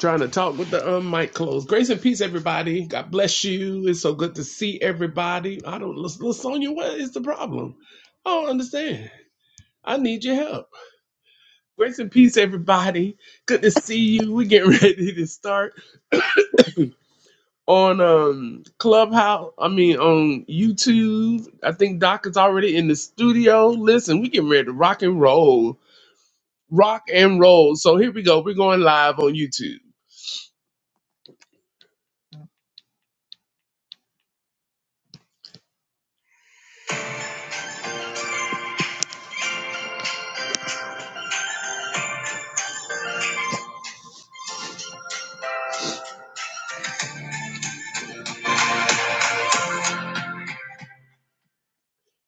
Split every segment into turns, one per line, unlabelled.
Trying to talk with the um mic closed. Grace and peace, everybody. God bless you. It's so good to see everybody. I don't, Lasonia, what is the problem? I don't understand. I need your help. Grace and peace, everybody. Good to see you. We getting ready to start on um Clubhouse. I mean on YouTube. I think Doc is already in the studio. Listen, we getting ready to rock and roll. Rock and roll. So here we go. We're going live on YouTube.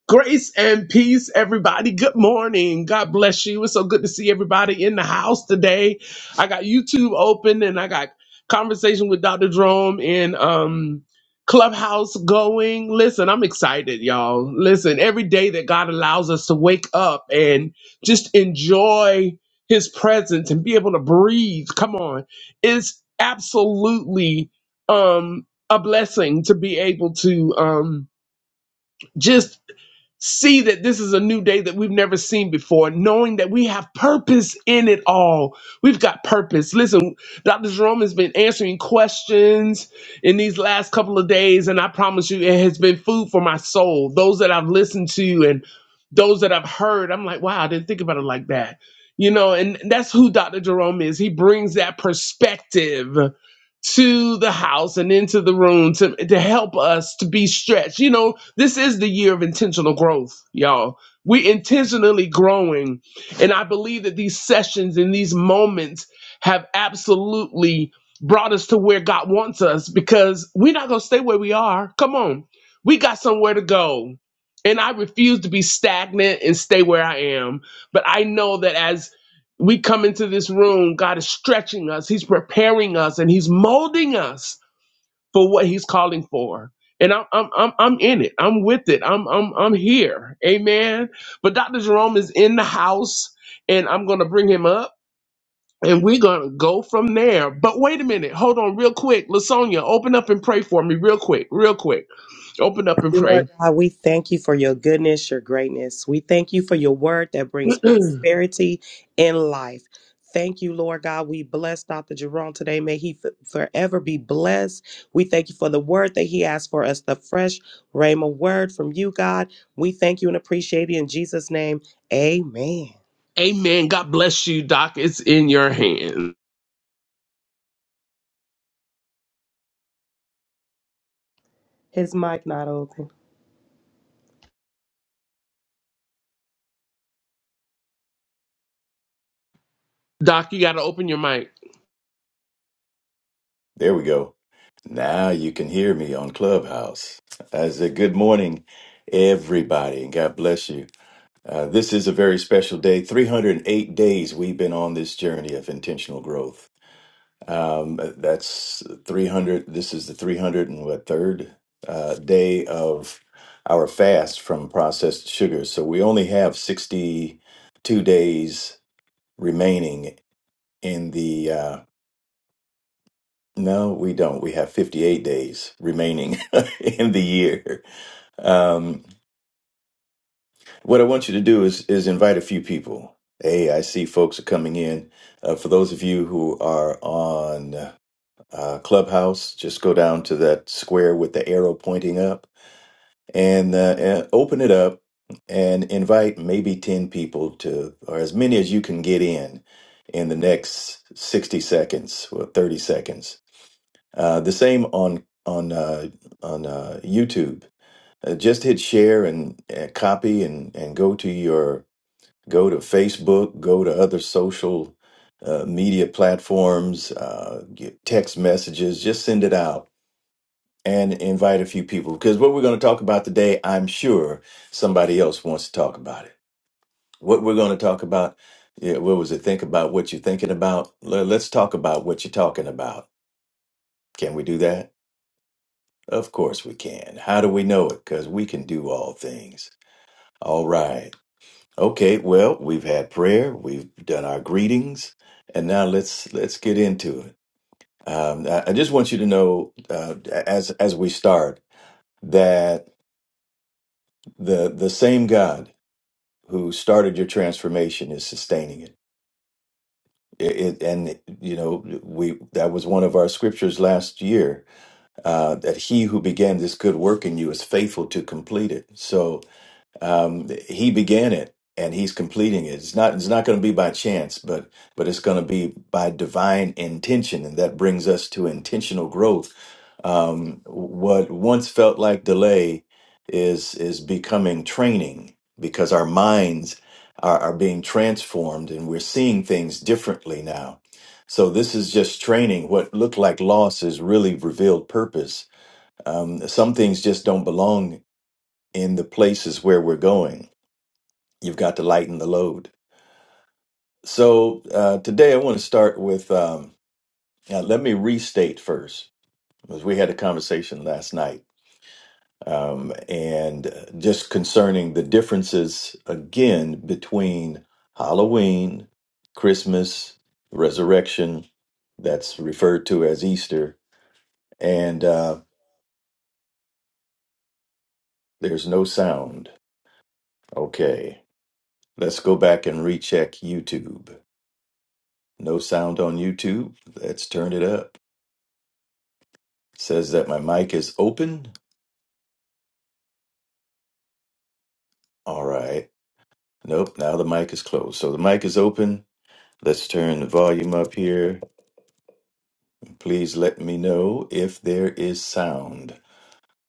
Grace and peace, everybody. Good morning. God bless you. It's so good to see everybody in the house today. I got YouTube open and I got conversation with Dr. Drome and um Clubhouse going. Listen, I'm excited, y'all. Listen, every day that God allows us to wake up and just enjoy his presence and be able to breathe, come on, is absolutely um a blessing to be able to um just see that this is a new day that we've never seen before, knowing that we have purpose in it all. We've got purpose. Listen, Dr. Jerome has been answering questions in these last couple of days, and I promise you, it has been food for my soul. Those that I've listened to and those that I've heard, I'm like, wow, I didn't think about it like that. You know, and that's who Dr. Jerome is. He brings that perspective to the house and into the room to, to help us to be stretched. You know, this is the year of intentional growth, y'all. We intentionally growing. And I believe that these sessions and these moments have absolutely brought us to where God wants us because we're not gonna stay where we are. Come on. We got somewhere to go. And I refuse to be stagnant and stay where I am. But I know that as we come into this room, God is stretching us, He's preparing us, and He's molding us for what He's calling for. And I'm I'm I'm, I'm in it. I'm with it. I'm I'm I'm here. Amen. But Dr. Jerome is in the house, and I'm gonna bring him up. And we're gonna go from there. But wait a minute, hold on real quick. Lasonia, open up and pray for me real quick, real quick. Open up and
Lord
pray.
God, we thank you for your goodness, your greatness. We thank you for your word that brings prosperity in life. Thank you, Lord God. We bless Dr. Jerome today. May he f- forever be blessed. We thank you for the word that he asked for us, the fresh Rhema word from you, God. We thank you and appreciate it in Jesus' name. Amen.
Amen. God bless you, Doc. It's in your hands.
His mic not open.
Doc, you gotta open your mic.
There we go. Now you can hear me on Clubhouse. I say good morning, everybody, and God bless you. Uh, this is a very special day. 308 days we've been on this journey of intentional growth. Um, that's 300. This is the 300 and what third uh, day of our fast from processed sugars. So we only have 62 days remaining in the. uh, No, we don't. We have 58 days remaining in the year. Um, what I want you to do is is invite a few people. Hey, I see folks are coming in. Uh, for those of you who are on uh, Clubhouse, just go down to that square with the arrow pointing up and, uh, and open it up and invite maybe 10 people to, or as many as you can get in in the next 60 seconds or 30 seconds Uh, the same on on uh, on uh, YouTube. Uh, just hit share and uh, copy and and go to your go to Facebook, go to other social uh, media platforms, uh, get text messages. Just send it out and invite a few people because what we're going to talk about today, I'm sure somebody else wants to talk about it. What we're going to talk about. Yeah, what was it? Think about what you're thinking about. Le- Let's talk about what you're talking about. Can we do that? Of course we can. How do we know it? Because we can do all things. All right. Okay, well, we've had prayer, we've done our greetings, and now let's let's get into it. Um, I, I just want you to know, uh, as as we start, that the the same God who started your transformation is sustaining it. It, it and you know we that was one of our scriptures last year uh, that he who began this good work in you is faithful to complete it. So Um, he began it and he's completing it. It's not it's not going to be by chance, but but it's going to be by divine intention, and that brings us to intentional growth. Um, what once felt like delay is is becoming training because our minds are, are being transformed and we're seeing things differently now. So this is just training. What looked like loss is really revealed purpose. Um, some things just don't belong in the places where we're going You've got to lighten the load. So uh, today I want to start with um, uh, let me restate first, because we had a conversation last night. Um, and uh, just concerning the differences again between Halloween, Christmas, resurrection, that's referred to as Easter, and uh, there's no sound. Okay, let's go back and recheck YouTube. No sound on YouTube. Let's turn it up. says that my mic is open. All right. Nope, now the mic is closed. So the mic is open. Let's turn the volume up here. Please let me know if there is sound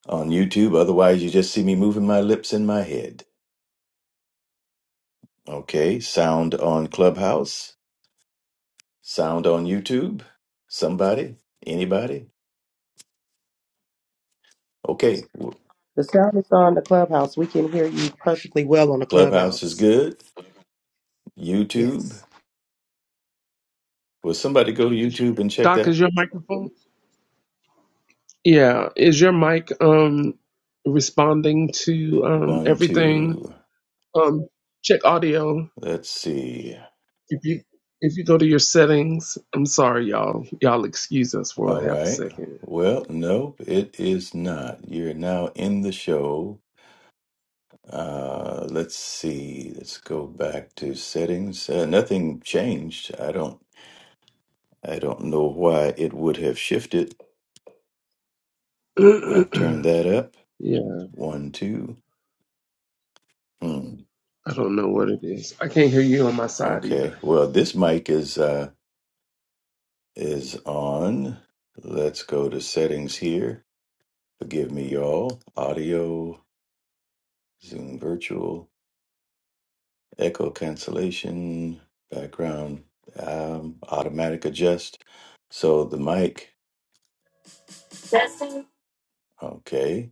on YouTube. Otherwise, you just see me moving my lips and my head. Okay, sound on Clubhouse, sound on YouTube. Somebody, anybody. Okay, w-
The sound is on the clubhouse. We can hear you perfectly well on the
Clubhouse is
clubhouse.
good.
Yes.
YouTube. Will somebody go to YouTube and check
Doc,
that?
is your microphone? Yeah, is your mic um responding to um
One,
everything?
two.
Um check audio.
Let's see.
If you if you go to your settings, I'm sorry y'all. Y'all excuse us for a
All
half a
right.
second.
Well, nope, it is not. You're now in the show. Uh, let's see. Let's go back to settings. Uh, nothing changed. I don't. I don't know why it would have shifted. I've turned that up.
yeah,
One, two. Hmm.
I don't know what it is. I can't hear you on my side
Okay.
either.
Well, this mic is uh is on. Let's go to settings here. Forgive me, y'all. Audio, Zoom virtual. echo cancellation, background um, automatic adjust. So the mic, okay,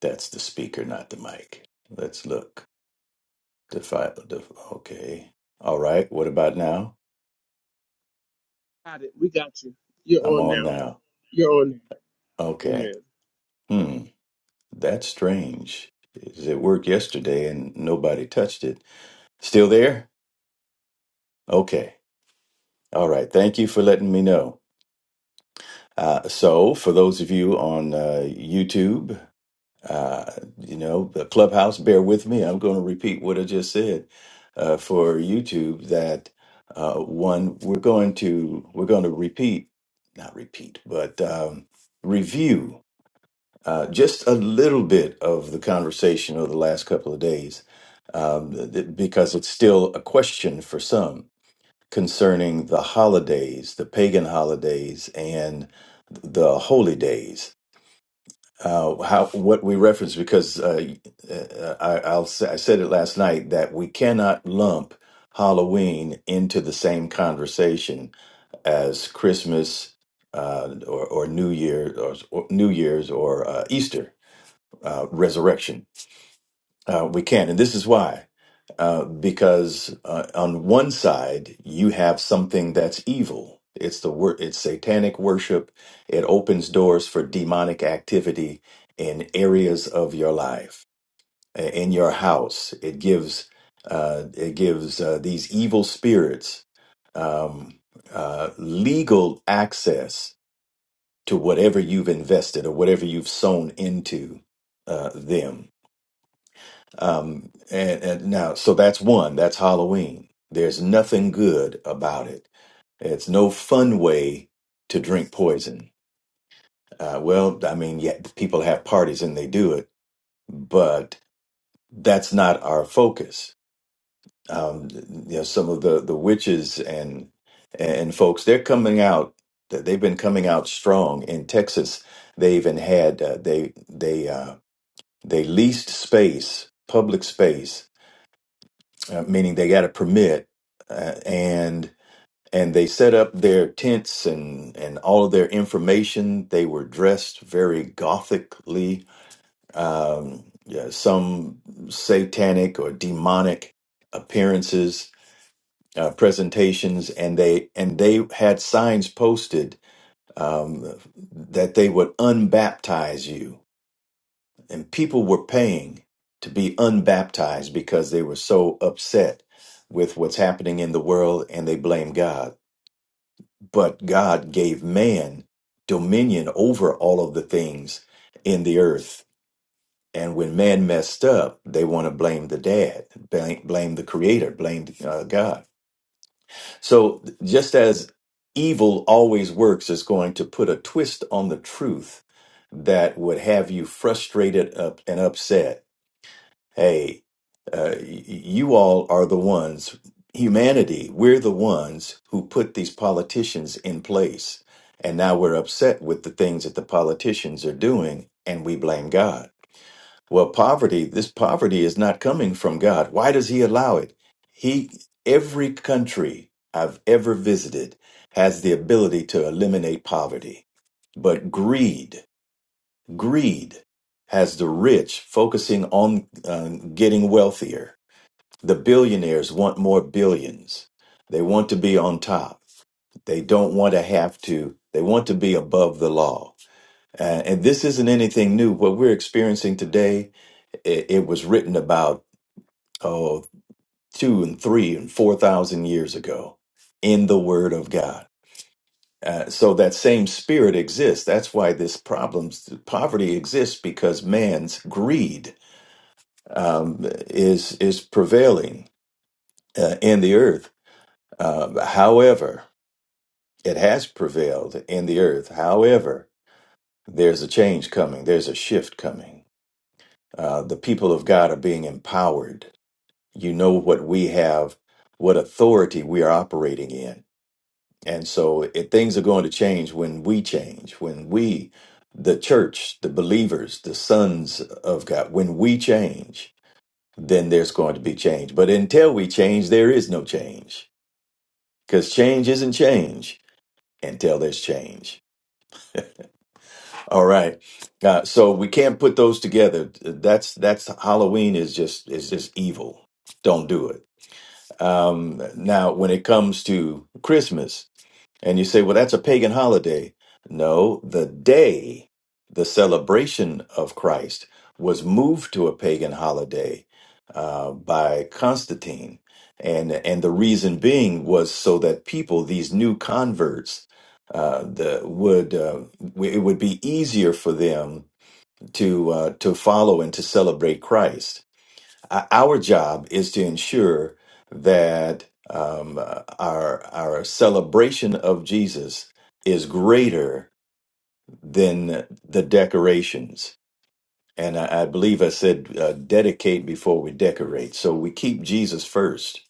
that's the speaker, not the mic. Let's look. Defi def- okay. All right, what about now?
Got it. We got you. You're
I'm
on
on
now.
now.
You're on. now.
Okay.
Amen.
Hmm, that's strange. Is It worked yesterday and nobody touched it. Still there? Okay. All right, thank you for letting me know. Uh, so, for those of you on uh, YouTube, Uh, you know, the clubhouse, bear with me. I'm going to repeat what I just said uh, for YouTube that uh, one, we're going to we're going to repeat, not repeat, but um, review uh, just a little bit of the conversation over the last couple of days um, th- th- because it's still a question for some concerning the holidays, the pagan holidays and the holy days uh, how what we reference because uh, uh, I, I'll say, I said it last night that we cannot lump Halloween into the same conversation as Christmas uh, or, or New Year or, or New Year's or uh, Easter uh, resurrection uh, we can. not And this is why. Uh, because uh, on one side, you have something that's evil. It's the wor- it's satanic worship. It opens doors for demonic activity in areas of your life, i- in your house. It gives uh, it gives uh, these evil spirits um, uh, legal access to whatever you've invested or whatever you've sown into uh, them um, and, and now, so that's one. That's Halloween. There's nothing good about it. It's no fun way to drink poison. Uh, well, I mean, yeah, people have parties and they do it, but that's not our focus. Um, you know, some of the the witches and and folks, they're coming out. They've been coming out strong in Texas. They even had uh, they they uh, they leased space, public space uh, meaning they got a permit uh, and and they set up their tents and and all of their information they were dressed very gothically um yeah, some satanic or demonic appearances uh, presentations and they and they had signs posted um, that they would unbaptize you and people were paying to be unbaptized because they were so upset with what's happening in the world and they blame God. But God gave man dominion over all of the things in the earth. And when man messed up, they want to blame the dad, blame, blame the creator, blame uh, God. So just as evil always works, is going to put a twist on the truth that would have you frustrated up and upset Hey, uh, y- you all are the ones, humanity, we're the ones who put these politicians in place. And now we're upset with the things that the politicians are doing and we blame God. Well, poverty, this poverty is not coming from God. Why does he allow it? He, every country I've ever visited has the ability to eliminate poverty, but greed. Greed has the rich focusing on uh, getting wealthier. The billionaires want more billions. They want to be on top. They don't want to have to, they want to be above the law. Uh, and this isn't anything new. What we're experiencing today, it, it was written about, oh, two and three and 4,000 years ago in the Word of God. Uh, so that same spirit exists. That's why this problems poverty exists because man's greed um, is is prevailing uh, in the earth. Um, however, it has prevailed in the earth. However, there's a change coming. There's a shift coming. Uh, the people of God are being empowered. You know what we have, what authority we are operating in, and so it, things are going to change when we change. When we, the church, the believers, the sons of God, when we change then there's going to be change. But until we change, there is no change because change isn't change until there's change. All right. Uh, so we can't put those together. That's that's Halloween is just is just evil. Don't do it. Um, now, when it comes to Christmas, And you say, well, that's a pagan holiday. No, the day, the celebration of Christ was moved to a pagan holiday uh, by Constantine. And, and the reason being was so that people, these new converts, uh, the, would uh, w- it would be easier for them to uh, to follow and to celebrate Christ uh, our job is to ensure that um, uh, our our celebration of Jesus is greater than the decorations. And I, I believe I said uh, dedicate before we decorate. So we keep Jesus first,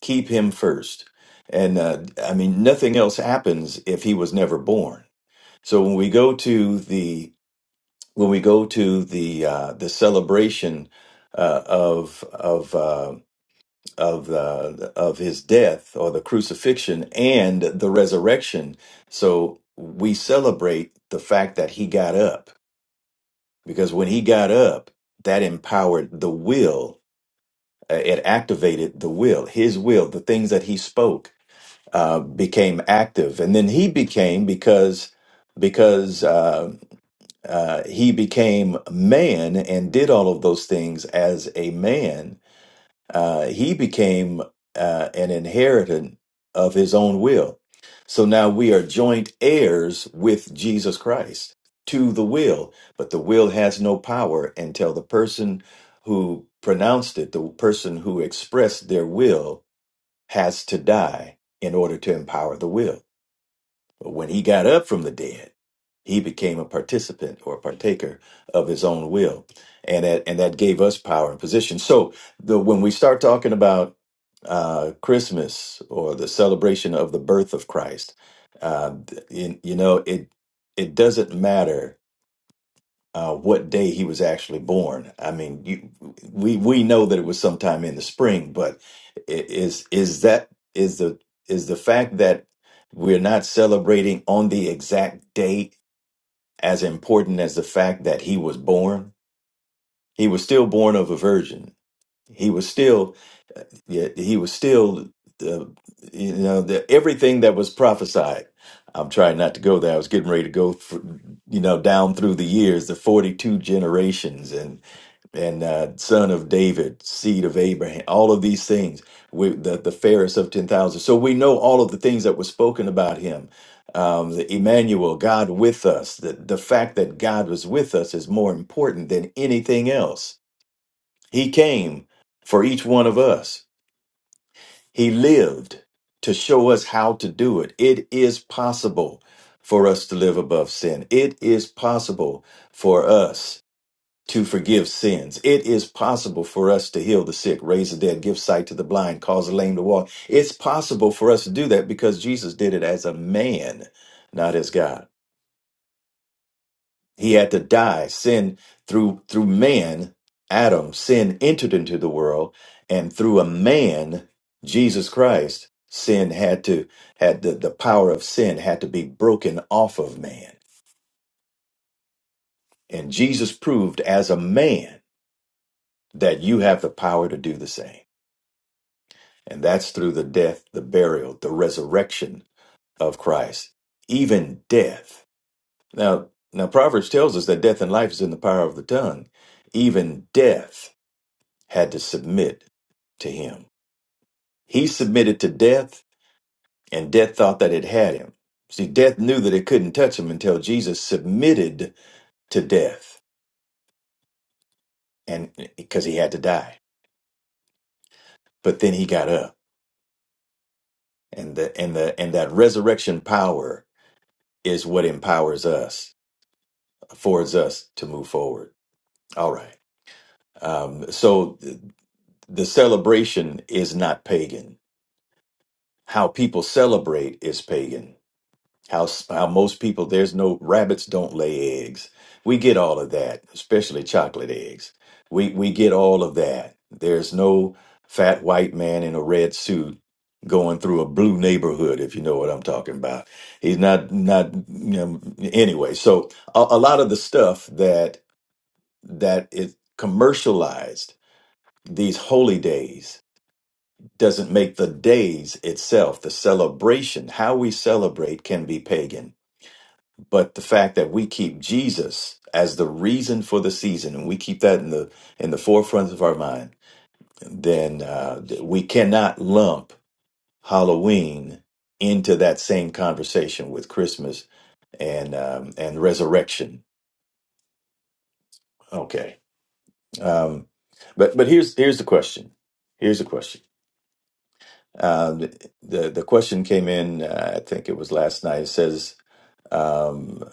keep Him first. And uh, I mean, nothing else happens if He was never born. So when we go to the when we go to the uh, the celebration uh, of of uh, of the of his death or the crucifixion and the resurrection. So we celebrate the fact that he got up because when he got up, that empowered the will. Uh, It activated the will, his will, the things that he spoke uh, became active, and then he became because because uh, uh, he became man and did all of those things as a man uh, he became uh, an inheritant of his own will. So now we are joint heirs with Jesus Christ to the will, but the will has no power until the person who pronounced it, the person who expressed their will, has to die in order to empower the will. But when he got up from the dead, he became a participant or partaker of his own will. And that, and that gave us power and position. So the, when we start talking about uh, Christmas or the celebration of the birth of Christ, uh, you, you know, it, it doesn't matter uh, what day he was actually born. I mean, you, we we know that it was sometime in the spring, but i- is is that is the is the fact that we're not celebrating on the exact date as important as the fact that he was born? He was still born of a virgin. He was still yeah, he was still the you know the everything that was prophesied. I'm trying not to go there. I was getting ready to go, for, you know, down through the years, the 42 generations and uh, son of David, seed of Abraham, all of these things, we, the, the fairest of 10,000. So we know all of the things that were spoken about him. Um, the Emmanuel, God with us, the, the fact that God was with us is more important than anything else. He came for each one of us, He lived to show us how to do it. It is possible for us to live above sin, it is possible for us to forgive sins. It is possible for us to heal the sick, raise the dead, give sight to the blind, cause the lame to walk. It's possible for us to do that because Jesus did it as a man, not as God. He had to die. Sin through through man, Adam, sin entered into the world, and through a man, Jesus Christ, sin had to had the, the power of sin had to be broken off of man. And Jesus proved as a man that you have the power to do the same. And that's through the death, the burial, the resurrection of Christ, even death. Now, now Proverbs tells us that death and life is in the power of the tongue. Even death had to submit to him. He submitted to death, and death thought that it had him. See, death knew that it couldn't touch him until Jesus submitted to death, and because he had to die. But then he got up, and the and the and that resurrection power is what empowers us affords us to move forward. All right. Um, so th- the celebration is not pagan. How people celebrate is pagan. How, s- how most people, there's no rabbits don't lay eggs. We get all of that, especially chocolate eggs. We, we get all of that. There's no fat white man in a red suit going through a blue neighborhood, if you know what I'm talking about. He's not, not, you know, anyway. So a, a lot of the stuff that. that it commercialized these holy days doesn't make the days itself the celebration how we celebrate can be pagan but the fact that we keep jesus as the reason for the season and we keep that in the in the forefront of our mind then uh, we cannot lump halloween into that same conversation with christmas and um, and resurrection okay um, but but here's here's the question here's the question Um, the the question came in. Uh, I think it was last night. It says, um,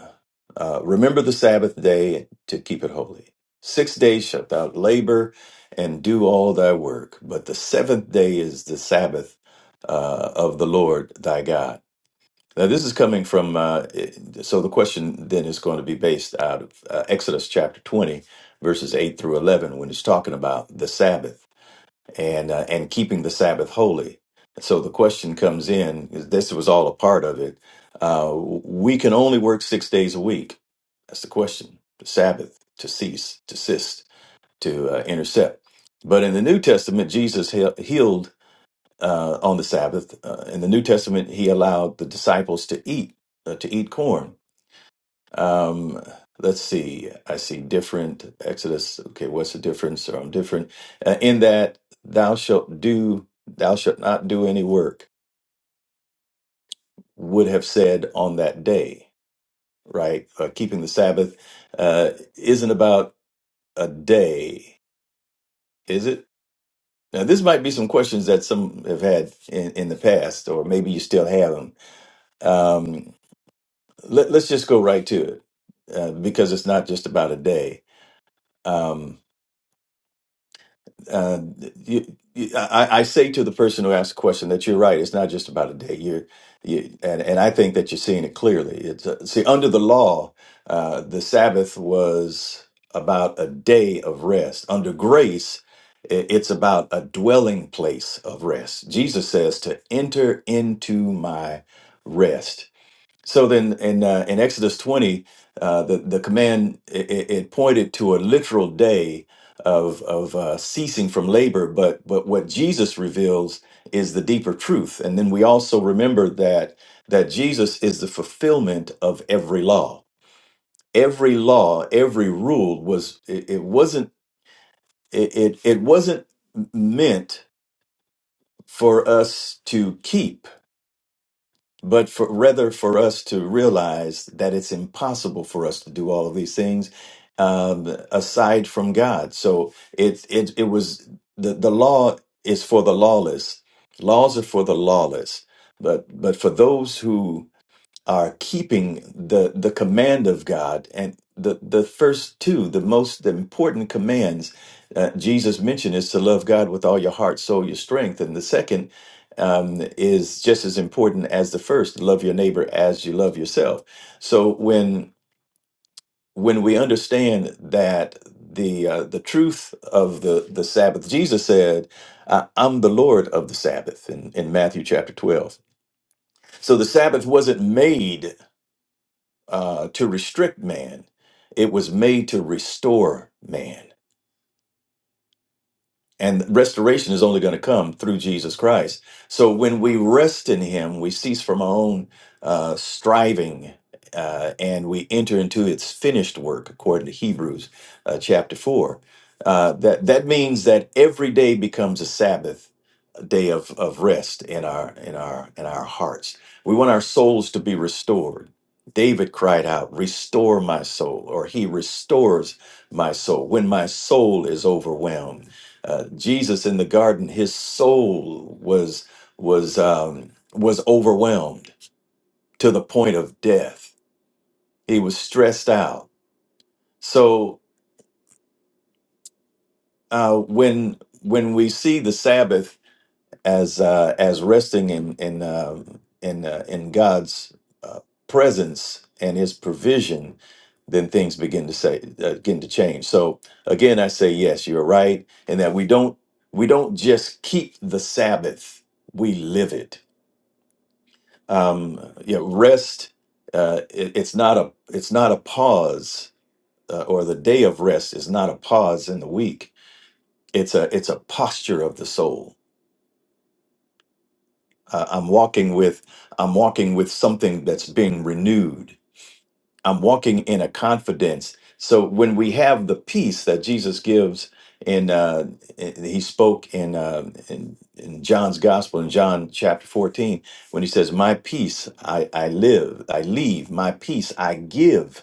uh, "Remember the Sabbath day to keep it holy. Six days shalt thou labor and do all thy work, but the seventh day is the Sabbath uh, of the Lord thy God." Now, this is coming from. Uh, it- so the question then is going to be based out of uh, Exodus chapter twenty, verses eight through eleven, when it's talking about the Sabbath and uh, and keeping the Sabbath holy. So the question comes in: is this was all a part of it? Uh, we can only work six days a week. That's the question. The Sabbath to cease, to desist, to uh, intercept. But in the New Testament, Jesus he- healed uh, on the Sabbath. Uh, in the New Testament, he allowed the disciples to eat uh, to eat corn um, let's see. I see different Exodus. Okay, what's the difference? Or I'm different uh, in that thou shalt do, thou shalt not do any work. Would have said on that day, right? Uh, keeping the Sabbath uh, isn't about a day, is it? Now, this might be some questions that some have had in, in the past, or maybe you still have them. Um, let, let's just go right to it uh, because it's not just about a day. Um, uh, you, you, I, I say to the person who asked the question that you're right. It's not just about a day. You're, you, and, and I think that you're seeing it clearly. It's uh, see under the law, uh, the Sabbath was about a day of rest. Under grace, i- it's about a dwelling place of rest. Jesus says to enter into my rest. So then, in uh, in Exodus twenty, uh, the the command it, it it pointed to a literal day of of uh, ceasing from labor. But but what Jesus reveals is the deeper truth. And then we also remember that that Jesus is the fulfillment of every law. Every law, every rule was it, it wasn't it, it it wasn't meant for us to keep but for rather for us to realize that it's impossible for us to do all of these things um, aside from God. So it it it was the the law is for the lawless. Laws are for the lawless, but but for those who are keeping the the command of God and the the first two the most important commands uh, Jesus mentioned is to love God with all your heart soul your strength and the second um, is just as important as the first love your neighbor as you love yourself so when when we understand that the uh, the truth of the the Sabbath Jesus said I- I'm the Lord of the Sabbath in, in Matthew chapter 12 so the Sabbath wasn't made uh, to restrict man, it was made to restore man. And restoration is only going to come through Jesus Christ. So when we rest in Him, we cease from our own uh, striving uh, and we enter into its finished work, according to Hebrews uh, chapter 4. Uh, that, that means that every day becomes a Sabbath a day of, of rest in our in our in our hearts. We want our souls to be restored. David cried out, "Restore my soul," or he restores my soul when my soul is overwhelmed uh, Jesus in the garden, his soul was was um, was overwhelmed to the point of death. He was stressed out. So uh, when when we see the Sabbath as uh, as resting in in uh, in uh, in God's uh, presence and His provision, then things begin to say uh, begin to change. So again, I say yes, you're right, in that we don't we don't just keep the Sabbath, we live it um, yeah, rest. Uh, it, it's not a it's not a pause, uh, or the day of rest is not a pause in the week. It's a it's a posture of the soul. Uh, I'm walking with I'm walking with something that's being renewed I'm walking in a confidence. So when we have the peace that Jesus gives, in uh, in- he spoke in, uh, in in John's Gospel in John chapter 14, when he says, "My peace I I live, I leave. My peace I give."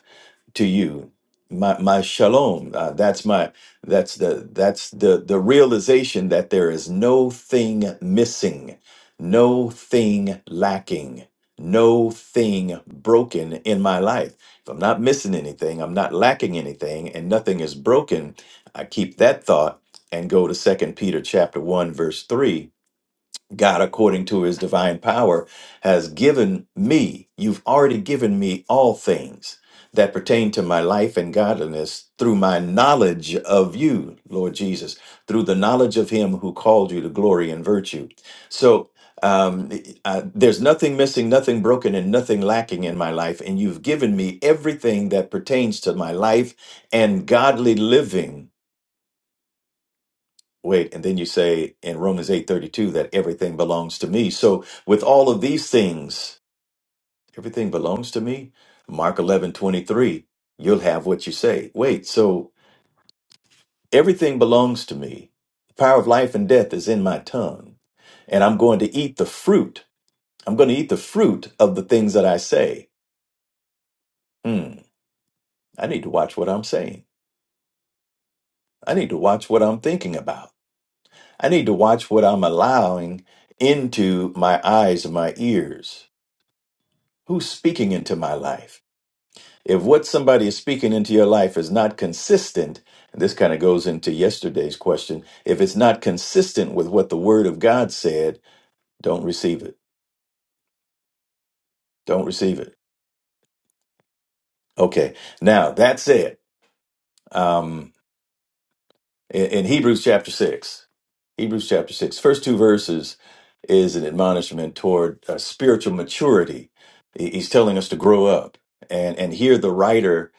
to you my my shalom uh, that's my that's the that's the the realization that there is no thing missing no thing lacking no thing broken in my life if i'm not missing anything i'm not lacking anything and nothing is broken i keep that thought and go to second peter chapter 1 verse 3 God, according to his divine power, has given me, you've already given me all things that pertain to my life and godliness through my knowledge of you, Lord Jesus, through the knowledge of him who called you to glory and virtue. So, um, I, there's nothing missing, nothing broken, and nothing lacking in my life. And you've given me everything that pertains to my life and godly living Wait, and then you say in Romans 8:32 that everything belongs to me. So with all of these things, everything belongs to me. Mark 11:23, you'll have what you say. Wait, so everything belongs to me. The power of life and death is in my tongue, and I'm going to eat the fruit. I'm going to eat the fruit of the things that I say. Hmm, I need to watch what I'm saying. I need to watch what I'm thinking about. I need to watch what I'm allowing into my eyes and my ears. Who's speaking into my life? If what somebody is speaking into your life is not consistent, and this kind of goes into yesterday's question, if it's not consistent with what the word of God said, don't receive it. Don't receive it. Okay. Now, that said, um, in, in Hebrews chapter 6. Hebrews chapter 6, first two verses is an admonishment toward uh, spiritual maturity. He- He's telling us to grow up. And, and here the writer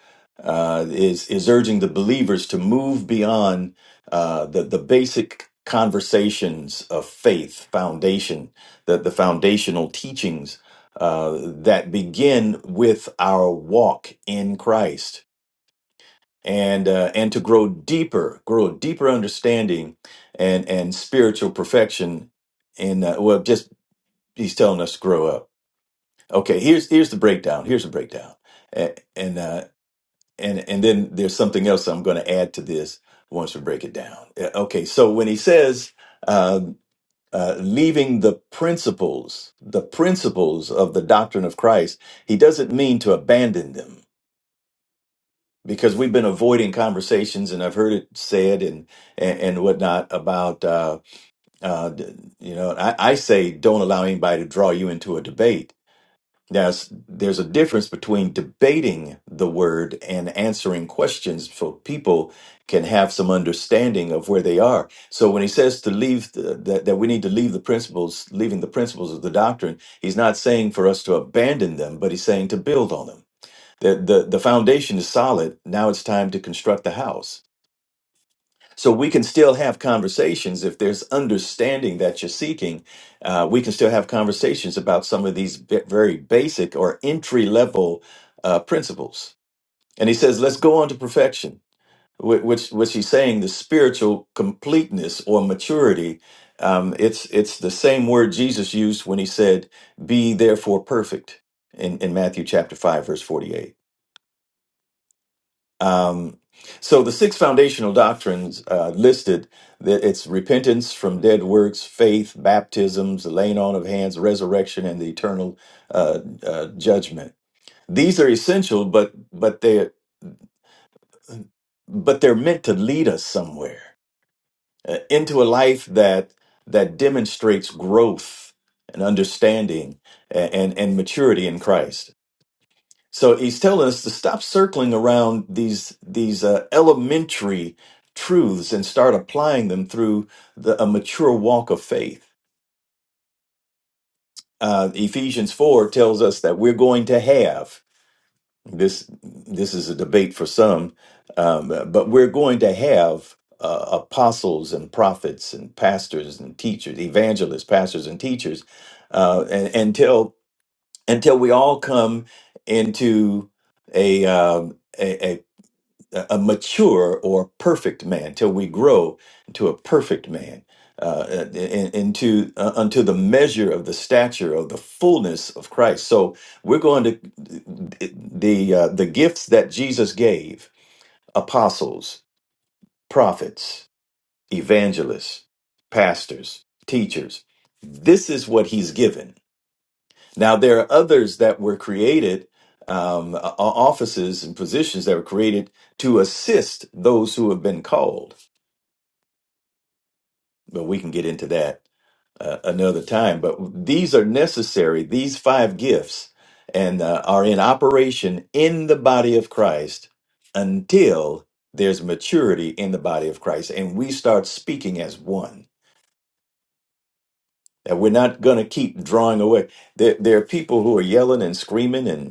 uh, is, is urging the believers to move beyond uh, the, the basic conversations of faith, foundation, the, the foundational teachings uh, that begin with our walk in Christ and uh, and to grow deeper, grow a deeper understanding and and spiritual perfection. In uh, well, just he's telling us to grow up. Okay, here's here's the breakdown. Here's the breakdown, and and uh, and, and then there's something else I'm going to add to this once we break it down. Uh, Okay, so when he says. Uh, uh, leaving the principles, the principles of the doctrine of Christ, he doesn't mean to abandon them because we've been avoiding conversations and I've heard it said and and, and whatnot about uh, uh, d- you know I, I say don't allow anybody to draw you into a debate. There's there's a difference between debating the word and answering questions so people can have some understanding of where they are. So when he says to leave the, that that we need to leave the principles, leaving the principles of the doctrine, he's not saying for us to abandon them, but he's saying to build on them the the the foundation is solid now it's time to construct the house so we can still have conversations if there's understanding that you're seeking uh, we can still have conversations about some of these ve- very basic or entry level uh, principles and he says let's go on to perfection wh- which which he's saying the spiritual completeness or maturity um, it's it's the same word jesus used when he said be therefore perfect in, in matthew chapter 5 verse 48 Um, so the six foundational doctrines uh, listed, th- it's repentance from dead works, faith, baptisms, the laying on of hands, resurrection, and the eternal uh, uh, judgment. These are essential, but but they but they're meant to lead us somewhere uh, into a life that that demonstrates growth and understanding and and, and maturity in Christ. So he's telling us to stop circling around these these uh, elementary truths and start applying them through the, a mature walk of faith. Uh, Ephesians four tells us that we're going to have this. This is a debate for some, um, but we're going to have uh, apostles and prophets and pastors and teachers, evangelists, pastors and teachers, uh, and, until until we all come into a, um, a, a mature or perfect man till we grow into a perfect man uh, uh, in- into uh, unto the measure of the stature of the fullness of Christ. So we're going to the uh, the gifts that Jesus gave apostles, prophets, evangelists, pastors, teachers. This is what he's given now, there are others that were created, um, o- offices and positions that were created to assist those who have been called, but we can get into that uh, another time. But these are necessary, these five gifts, and uh, are in operation in the body of Christ until there's maturity in the body of Christ and we start speaking as one. That we're not going to keep drawing away. There, there are people who are yelling and screaming and.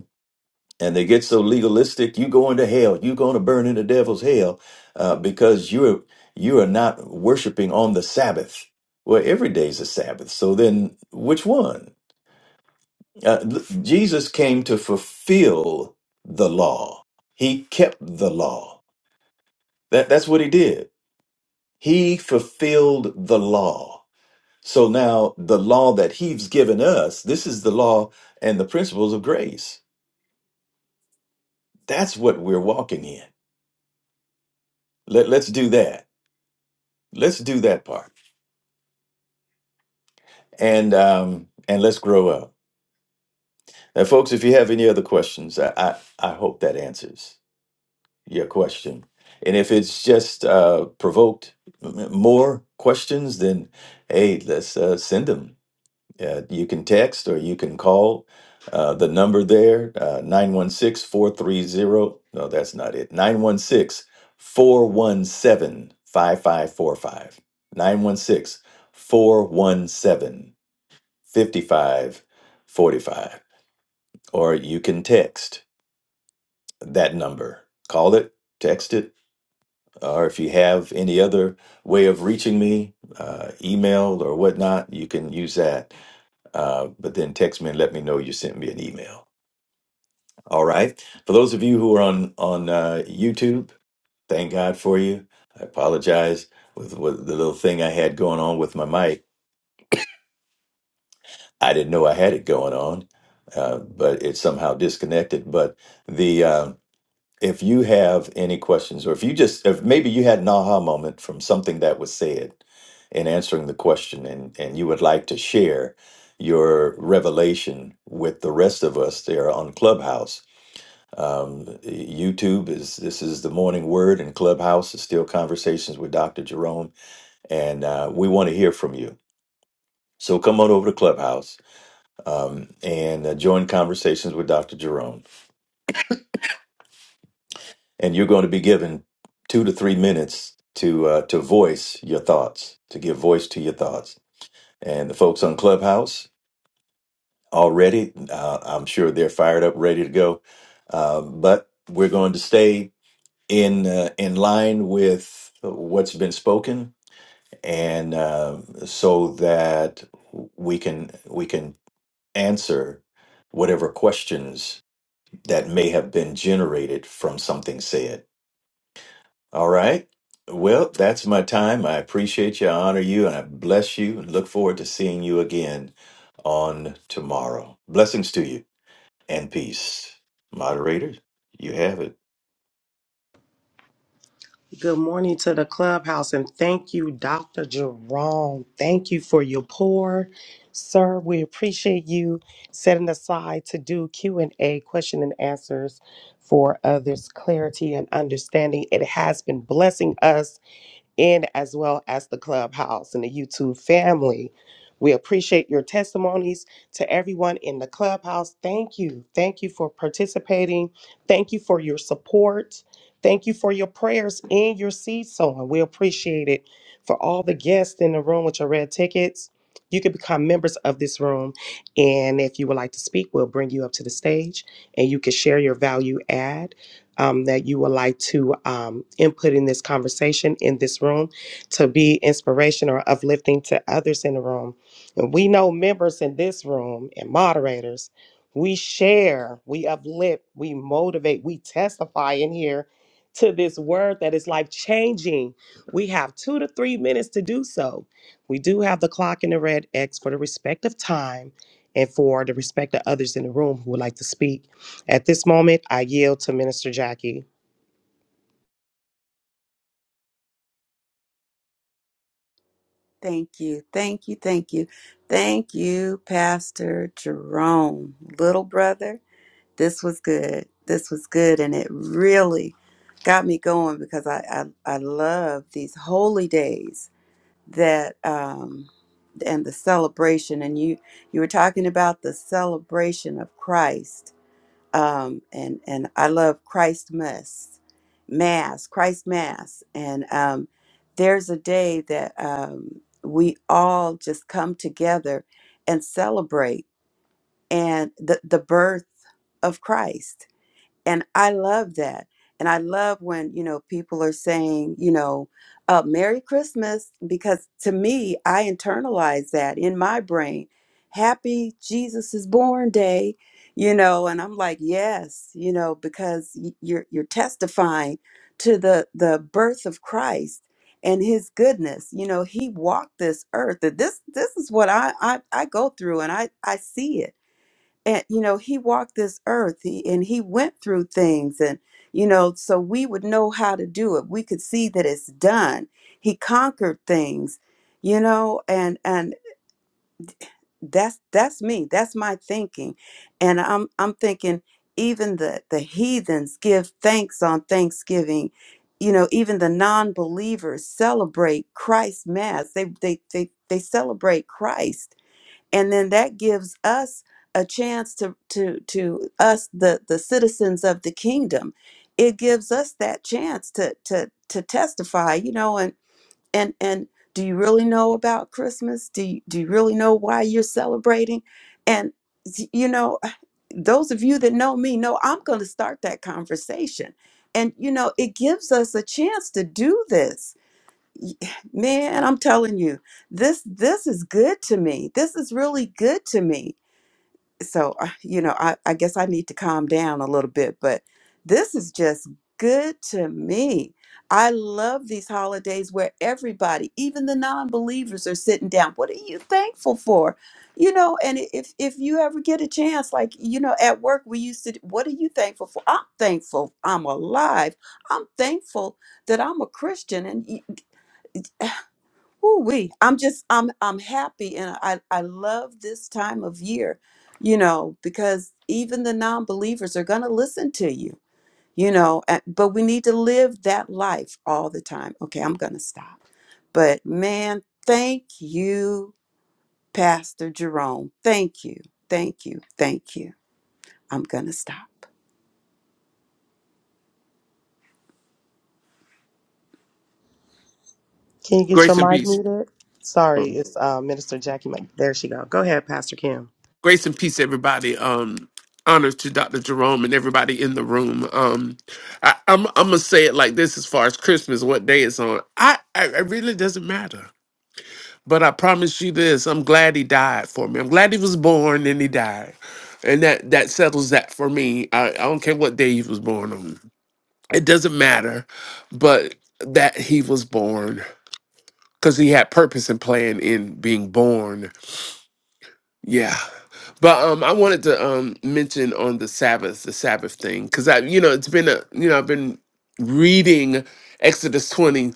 and they get so legalistic you going to hell you're going to burn in the devil's hell uh, because you're you are not worshiping on the sabbath well every day's a sabbath so then which one uh, l- jesus came to fulfill the law he kept the law that, that's what he did he fulfilled the law so now the law that he's given us this is the law and the principles of grace that's what we're walking in Let, let's do that Let's do that part, and um, and let's grow up. Now, folks, if you have any other questions, I I, I hope that answers your question. And if it's just uh, provoked m- more questions, then hey, let's uh, send them. Uh, you can text or you can call uh, the number there, uh, 916 No, that's not it. 916 417 5545. 916 417. 55, 45, Or you can text that number. Call it, text it, or if you have any other way of reaching me, uh, email or whatnot, you can use that. Uh, but then text me and let me know you sent me an email. All right. For those of you who are on on uh, YouTube, thank God for you. I apologize with, with the little thing I had going on with my mic. I didn't know I had it going on, uh, but it somehow disconnected. But the um, if you have any questions or if you just if maybe you had an aha moment from something that was said in answering the question and and you would like to share your revelation with the rest of us there on clubhouse um, youtube is this is the morning word and clubhouse is still conversations with dr jerome and uh, we want to hear from you so come on over to clubhouse um, and uh, join conversations with dr jerome and you're going to be given two to three minutes to uh, to voice your thoughts, to give voice to your thoughts. And the folks on Clubhouse already, uh, I'm sure they're fired up, ready to go. Uh, but we're going to stay in uh, in line with what's been spoken, and uh, so that we can we can answer whatever questions that may have been generated from something said All right. Well, that's my time. I appreciate you. I honor you and I bless you and look forward to seeing you again on tomorrow. Blessings to you and peace. Moderators, you have it.
Good morning to the clubhouse and thank you, Dr. Jerome. Thank you for your pour. Sir, we appreciate you setting aside to do Q&A, question and answers for others, clarity and understanding. It has been blessing us and as well as the clubhouse and the YouTube family. We appreciate your testimonies to everyone in the clubhouse. Thank you. Thank you for participating. Thank you for your support. Thank you for your prayers and your seed sowing. We appreciate it. For all the guests in the room with your red tickets, you can become members of this room. And if you would like to speak, we'll bring you up to the stage and you can share your value add um, that you would like to um, input in this conversation in this room to be inspiration or uplifting to others in the room. And we know members in this room and moderators, we share, we uplift, we motivate, we testify in here to this word that is life changing. We have two to three minutes to do so. We do have the clock and the red X for the respective time and for the respect of others in the room who would like to speak. At this moment, I yield to Minister Jackie.
Thank you. Thank you. Thank you. Thank you, Pastor Jerome. Little brother, this was good. This was good. And it really got me going because I, I, I love these holy days that um and the celebration and you you were talking about the celebration of Christ um, and and I love Christ Mass, Mass, Christ Mass, and um, there's a day that um, we all just come together and celebrate and the the birth of Christ and I love that. And I love when, you know, people are saying, you know, uh, Merry Christmas, because to me, I internalize that in my brain. Happy Jesus is born day, you know, and I'm like, yes, you know, because y- you're you're testifying to the the birth of Christ and his goodness. You know, he walked this earth. That This this is what I I, I go through and I I see it and you know he walked this earth he, and he went through things and you know so we would know how to do it we could see that it's done he conquered things you know and and that's that's me that's my thinking and i'm i'm thinking even the the heathens give thanks on thanksgiving you know even the non-believers celebrate christ mass they they they, they celebrate christ and then that gives us a chance to to to us the the citizens of the kingdom it gives us that chance to to to testify you know and and and do you really know about christmas do you, do you really know why you're celebrating and you know those of you that know me know i'm going to start that conversation and you know it gives us a chance to do this man i'm telling you this this is good to me this is really good to me so uh, you know I, I guess i need to calm down a little bit but this is just good to me i love these holidays where everybody even the non-believers are sitting down what are you thankful for you know and i- if if you ever get a chance like you know at work we used to what are you thankful for i'm thankful i'm alive i'm thankful that i'm a christian and Woo-wee. I'm just I'm I'm happy and I I love this time of year, you know, because even the non-believers are going to listen to you, you know, a- but we need to live that life all the time. Okay, I'm going to stop. But man, thank you, Pastor Jerome. Thank you. Thank you. Thank you. I'm going to stop.
Can you get your
Grace and
mic
peace.
muted? Sorry, it's uh, Minister Jackie. Mike. There she go. Go ahead, Pastor Kim.
Grace and peace, everybody. Um, honor to Dr. Jerome and everybody in the room. Um, I, I'm I'm gonna say it like this: as far as Christmas, what day it's on, I, I it really doesn't matter. But I promise you this: I'm glad he died for me. I'm glad he was born and he died, and that that settles that for me. I, I don't care what day he was born on; it doesn't matter. But that he was born because he had purpose and plan in being born Yeah. But um I wanted to um mention on the Sabbath, the Sabbath thing cuz I you know, it's been a you know, I've been reading Exodus 20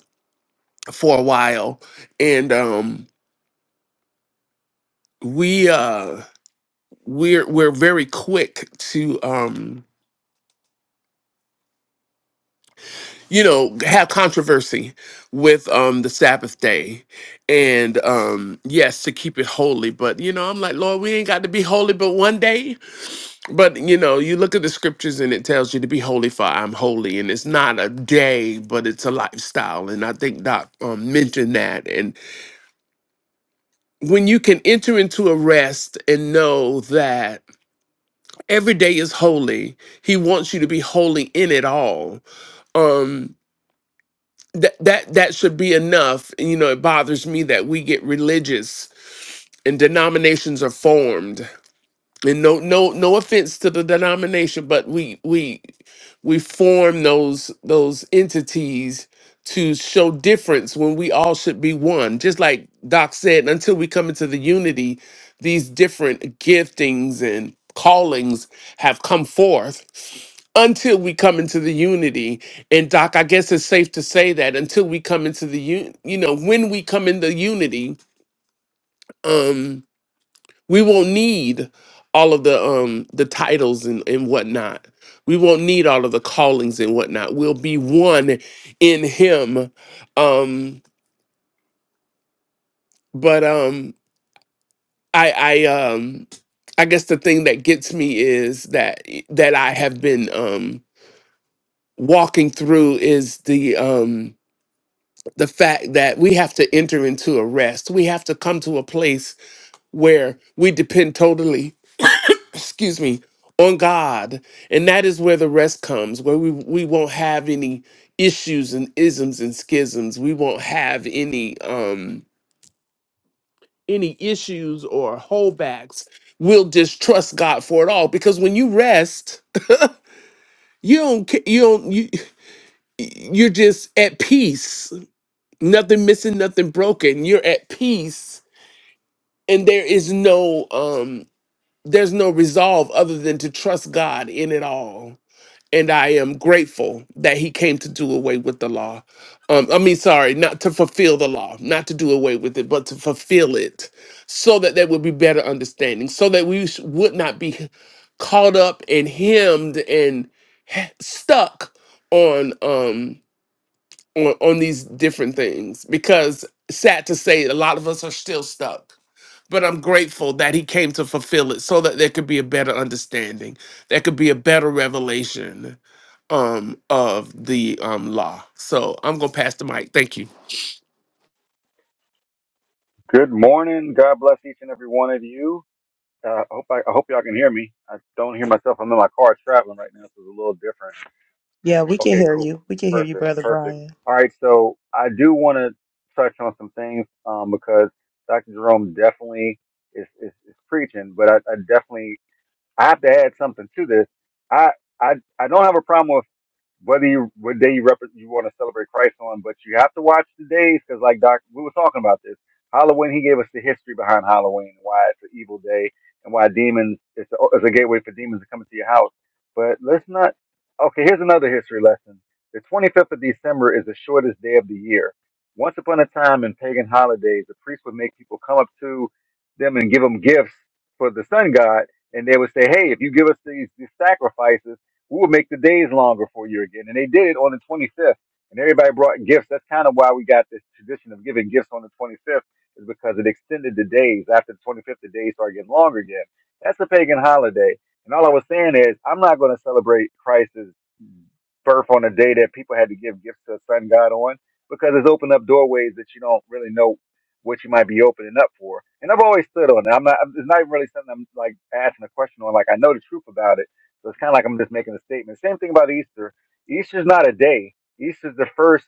for a while and um we uh we're we're very quick to um you know have controversy with um the Sabbath day and um yes to keep it holy but you know I'm like Lord we ain't got to be holy but one day But you know, you look at the scriptures and it tells you to be holy for I'm holy, and it's not a day, but it's a lifestyle. And I think Doc um, mentioned that. And when you can enter into a rest and know that every day is holy, He wants you to be holy in it all. Um, that that that should be enough. You know, it bothers me that we get religious and denominations are formed and no no no offense to the denomination but we we we form those those entities to show difference when we all should be one just like doc said until we come into the unity these different giftings and callings have come forth until we come into the unity and doc i guess it's safe to say that until we come into the un- you know when we come into unity um, we won't need all of the um the titles and, and whatnot. We won't need all of the callings and whatnot. We'll be one in him. Um but um I I um I guess the thing that gets me is that that I have been um walking through is the um the fact that we have to enter into a rest. We have to come to a place where we depend totally excuse me, on God. And that is where the rest comes, where we, we won't have any issues and isms and schisms. We won't have any um any issues or holdbacks. We'll just trust God for it all. Because when you rest, you don't ca- you don't you you're just at peace. Nothing missing, nothing broken. You're at peace and there is no um there's no resolve other than to trust God in it all and I am grateful that he came to do away with the law. Um, I mean, sorry, not to fulfill the law, not to do away with it, but to fulfill it so that there would be better understanding, so that we sh- would not be caught up and hemmed and stuck on um on, on these different things because sad to say a lot of us are still stuck but I'm grateful that he came to fulfill it so that there could be a better understanding, there could be a better revelation um of the um law. So I'm gonna pass the mic. Thank you.
Good morning. God bless each and every one of you. Uh, I hope I, I hope y'all can hear me. I don't hear myself. I'm in my car traveling right now, so it's a little different.
Yeah, we can
Okay,
hear
cool.
you. We can hear you,
Perfect.
Brother
Perfect.
Brian.
All right. So I do want to touch on some things um, because Dr. Jerome definitely is, is, is preaching, but I, I definitely I have to add something to this. I I, I don't have a problem with whether you what day you rep- you want to celebrate Christ on, but you have to watch the days because, like Doc, we were talking about this Halloween. He gave us the history behind Halloween, why it's an evil day, and why demons it's a, it's a gateway for demons to come into your house. But let's not. Okay, here's another history lesson. The 25th of December is the shortest day of the year. Once upon a time in pagan holidays, the priest would make people come up to them and give them gifts for the sun god, and they would say, "Hey, if you give us these these sacrifices." We will make the days longer for you again. And they did it on the 25th. And everybody brought gifts. That's kind of why we got this tradition of giving gifts on the 25th, is because it extended the days. After the 25th, the days started getting longer again. That's a pagan holiday. And all I was saying is, I'm not going to celebrate Christ's birth on a day that people had to give gifts to the sun god on because it's opened up doorways that you don't really know what you might be opening up for. And I've always stood on it. I'm not, it's not even really something I'm like asking a question on. Like I know the truth about it so it's kind of like I'm just making a statement. Same thing about Easter. Easter's not a day. Easter's the first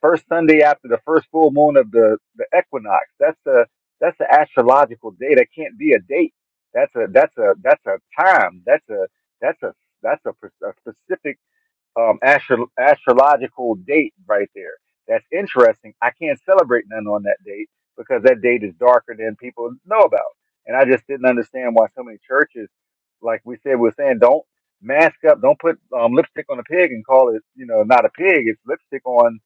first Sunday after the first full moon of the, the equinox. That's the that's the astrological day. That can't be a date. That's a that's a that's a time. That's a that's a that's a, a specific um, astro- astrological date right there. That's interesting. I can't celebrate none on that date because that date is darker than people know about. And I just didn't understand why so many churches, like we said, we're saying, don't mask up, don't put um, lipstick on a pig and call it, you know, not a pig. It's lipstick on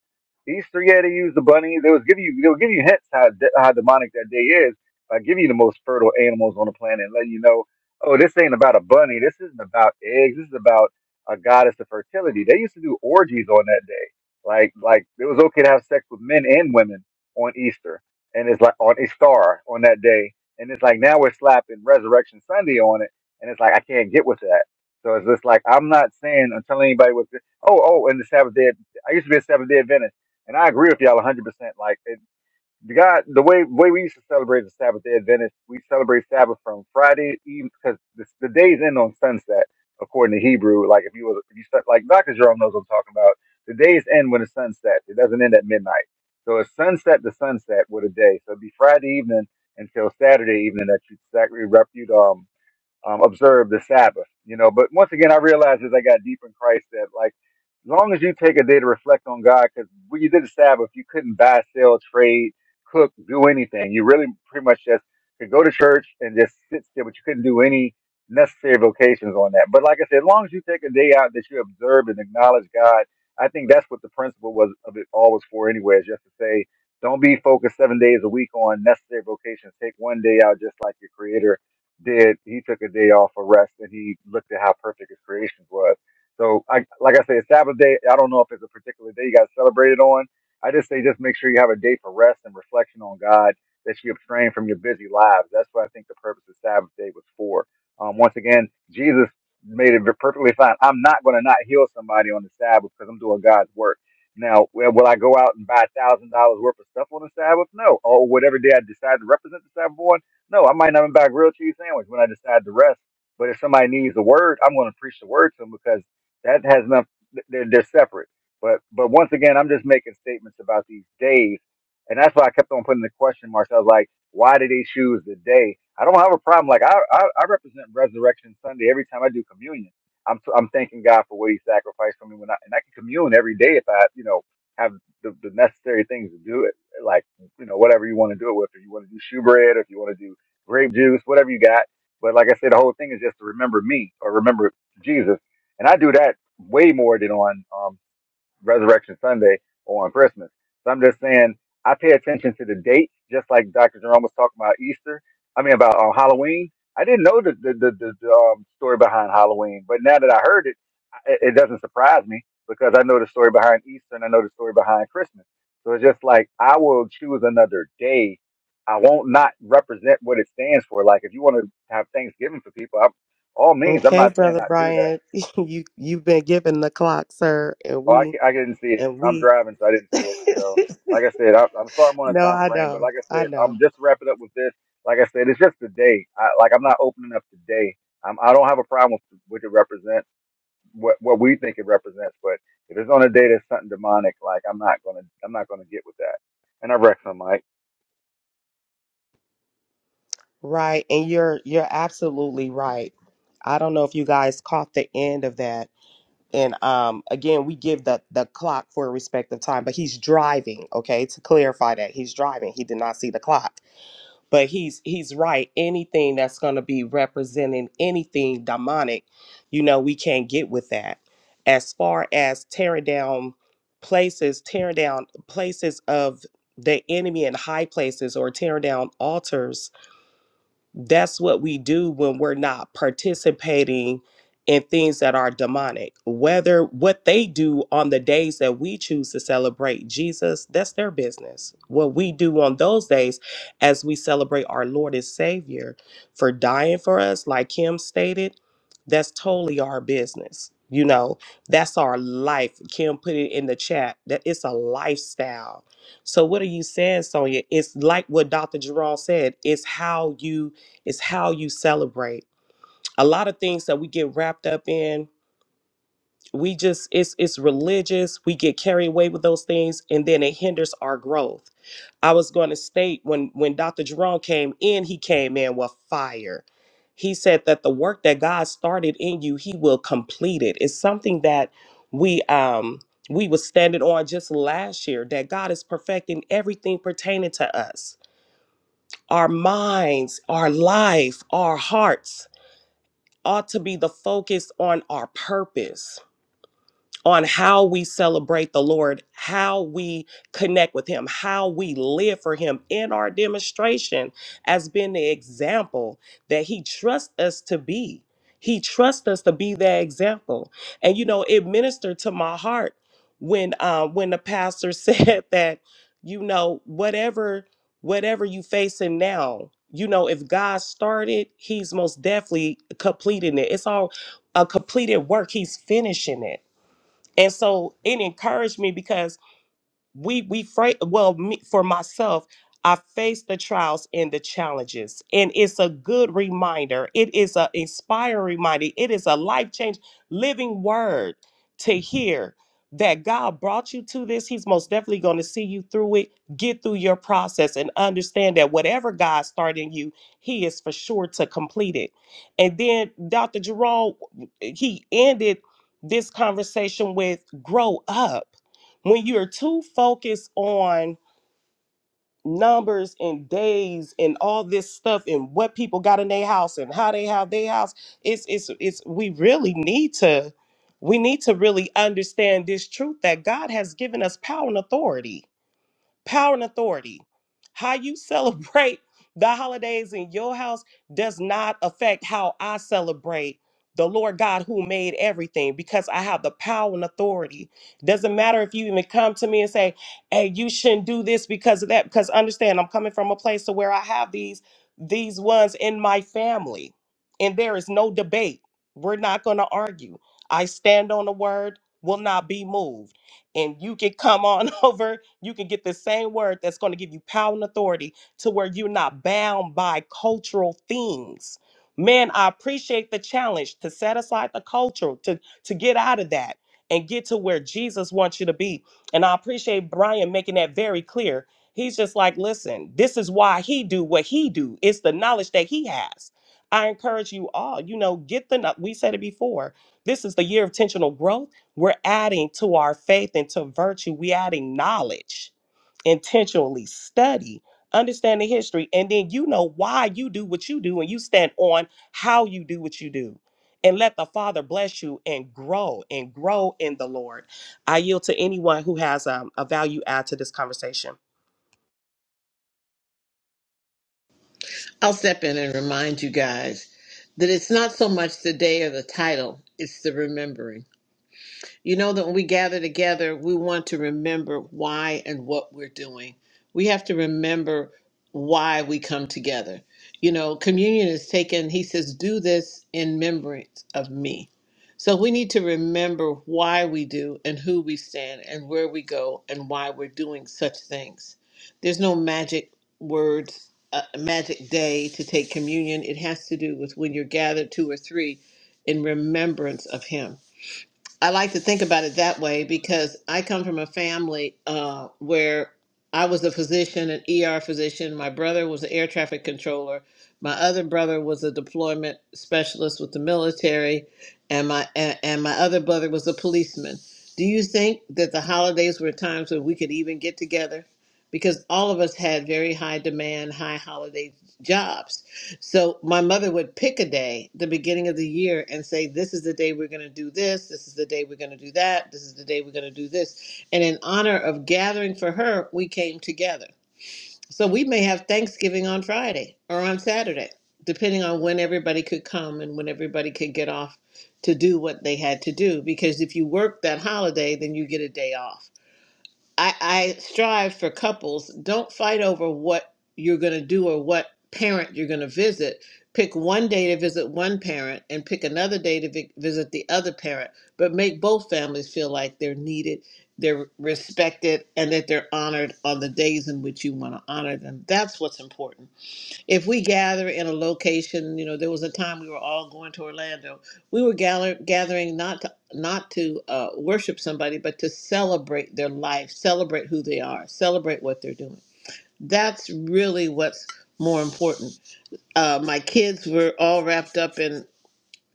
Easter. Yeah, they use the bunny. They was giving you, they will give you hints how de- how demonic that day is by giving you the most fertile animals on the planet and letting you know, oh, this ain't about a bunny. This isn't about eggs. This is about a goddess of fertility. They used to do orgies on that day. Like like it was okay to have sex with men and women on Easter, and it's like on Istar on that day, and it's like now we're slapping Resurrection Sunday on it, and it's like I can't get with that. So it's just like I'm not saying I'm telling anybody what. this- Oh oh, and the Sabbath day. I used to be a Sabbath Day Adventist, and I agree with y'all 100. percent Like the God, the way way we used to celebrate the Sabbath Day Adventist, we celebrate Sabbath from Friday Eve because the, the days end on sunset according to Hebrew. Like if you was if you start, like Doctor Jerome knows what I'm talking about. The days end when the sun sets. It doesn't end at midnight. So it's sunset to sunset with a day. So it'd be Friday evening until Saturday evening that you exactly rep you. um um, observe the Sabbath, you know. But once again, I realized as I got deep in Christ that, like, as long as you take a day to reflect on God, because when you did the Sabbath, you couldn't buy, sell, trade, cook, do anything. You really pretty much just could go to church and just sit still, but you couldn't do any necessary vocations on that. But like I said, as long as you take a day out that you observed and acknowledge God, I think that's what the principle was of it all was for anyway, is just to say, don't be focused seven days a week on necessary vocations. Take one day out just like your creator did he took a day off for rest and he looked at how perfect his creation was. So I like I said, Sabbath day, I don't know if it's a particular day you got to celebrate it on. I just say just make sure you have a day for rest and reflection on God that you abstain from your busy lives. That's what I think the purpose of Sabbath day was for. Um, once again, Jesus made it perfectly fine. I'm not going to not heal somebody on the Sabbath because I'm doing God's work. Now, will will I go out and buy a thousand dollars worth of stuff on the Sabbath? No, or whatever day I decide to represent the Sabbath on. No, I might not even buy a grilled cheese sandwich when I decide to rest. But if somebody needs a word, I'm going to preach the word to them because that has nothing. They're, they're separate. But but once again, I'm just making statements about these days, and that's why I kept on putting the question marks. I was like, why did they choose the day? I don't have a problem. Like I I, I represent Resurrection Sunday every time I do communion. I'm I'm thanking God for what He sacrificed for me when I and I can commune every day if I you know have the, the necessary things to do it. Like you know whatever you want to do it with. If you want to do shoe bread, if you want to do grape juice, whatever you got. But like I said, the whole thing is just to remember me or remember Jesus. And I do that way more than on um, Resurrection Sunday or on Christmas. So I'm just saying I pay attention to the dates, just like Dr. Jerome was talking about Easter. I mean about uh, Halloween. I didn't know the the the, the, um, story behind Halloween, but now that I heard it, it, it doesn't surprise me because I know the story behind Easter and I know the story behind Christmas. So it's just like I will choose another day. I won't not represent what it stands for. Like if you want to have Thanksgiving for people, I, all means, I'm
Okay,
not saying
Brother
I do that
Brian, you you've been given the clock, sir, and
Oh, I,
we
ca- I didn't see it.
and
I'm
we.
driving, so I didn't see it. So, like I said, I, I'm sorry I'm on
no,
a time
I
frame, but
know,
like I
I
said,
know,
I'm just wrapping up with this. Like I said, it's just today. I, like I'm not opening up today. I'm, I don't have a problem with what it represents, what what we think it represents. But if it's on a day that's something demonic, like I'm not gonna, I'm not gonna get with that. And I wreck some mic.
right, and you're you're absolutely right. I don't know if you guys caught the end of that, and um, again we give the the clock for a respective time but he's driving okay to clarify that he's driving he did not see the clock but he's he's right anything that's going to be representing anything demonic you know we can't get with that as far as tearing down places tearing down places of the enemy in high places or tearing down altars that's what we do when we're not participating in things that are demonic. Whether what they do on the days that we choose to celebrate Jesus, that's their business. What we do on those days as we celebrate our Lord and Savior for dying for us, like Kim stated, that's totally our business. You know, that's our life. Kim put it in the chat that it's a lifestyle. So what are you saying, Sonia? It's like what Dr. Jerome said. It's how you it's how you celebrate. A lot of things that we get wrapped up in, we just it's it's religious. We get carried away with those things, and then it hinders our growth. I was going to state when when Dr. Jerome came in, he came in with fire. He said that the work that God started in you, He will complete it. It's something that we um we was standing on just last year that God is perfecting everything pertaining to us, our minds, our life, our hearts ought to be the focus on our purpose on how we celebrate the Lord, how we connect with Him, how we live for Him in our demonstration as being the example that He trusts us to be. He trusts us to be that example. And you know, it ministered to my heart when uh, when the pastor said that, you know, whatever whatever you facing now, you know, if God started, He's most definitely completing it. It's all a completed work. He's finishing it. And so it encouraged me because we we fight well me, for myself i face the trials and the challenges and it's a good reminder it is an inspiring reminder it is a life change living word to hear that god brought you to this he's most definitely going to see you through it get through your process and understand that whatever god started in you he is for sure to complete it and then dr jerome he ended this conversation with grow up when you're too focused on numbers and days and all this stuff and what people got in their house and how they have their house it's it's it's we really need to we need to really understand this truth that God has given us power and authority power and authority. How you celebrate the holidays in your house does not affect how I celebrate the Lord God who made everything because I have the power and authority. Doesn't matter if you even come to me and say, "Hey, you shouldn't do this because of that." Because understand, I'm coming from a place to where I have these these ones in my family, and there is no debate. We're not going to argue. I stand on the word, will not be moved, and you can come on over you can get the same word that's going to give you power and authority to where you're not bound by cultural things. Man, I appreciate the challenge to set aside the culture, to, to get out of that and get to where Jesus wants you to be. And I appreciate Brian making that very clear. He's just like, listen, this is why he do what he do. It's the knowledge that he has. I encourage you all, you know, get the, kno- we said it before, this is the year of intentional growth we're adding to our faith and to virtue, we're adding knowledge, intentionally study, understand the history, and then you know why you do what you do and you stand on how you do what you do. And let the Father bless you and grow and grow in the Lord. I yield to anyone who has um, a value add to this conversation.
I'll step in and remind you guys that it's not so much the day or the title, it's the remembering. You know that when we gather together, we want to remember why and what we're doing. We have to remember why we come together. You know, communion is taken, he says, do this in remembrance of me. So we need to remember why we do and who we stand and where we go and why we're doing such things. There's no magic words, uh, magic day to take communion. It has to do with when you're gathered two or three in remembrance of him. I like to think about it that way because I come from a family uh, where I was a physician, an ER physician. My brother was an air traffic controller. My other brother was a deployment specialist with the military, and my and, and my other brother was a policeman. Do you think that the holidays were times when we could even get together? Because all of us had very high demand, high holiday jobs so my mother would pick a day, the beginning of the year, and say, This is the day we're going to do this. This is the day we're going to do that. This is the day we're going to do this. And in honor of gathering for her, we came together. So we may have Thanksgiving on Friday or on Saturday, depending on when everybody could come and when everybody could get off to do what they had to do. Because if you work that holiday, then you get a day off. I, I strive for couples don't fight over what you're going to do or what parent you're going to visit. Pick one day to visit one parent and pick another day to vi- visit the other parent, but make both families feel like they're needed, they're respected, and that they're honored on the days in which you want to honor them. That's what's important if we gather in a location, you know, there was a time we were all going to Orlando. We were gather, gathering not to, not to uh, worship somebody, but to celebrate their life, celebrate who they are, celebrate what they're doing. That's really what's more important. Uh, my kids were all wrapped up in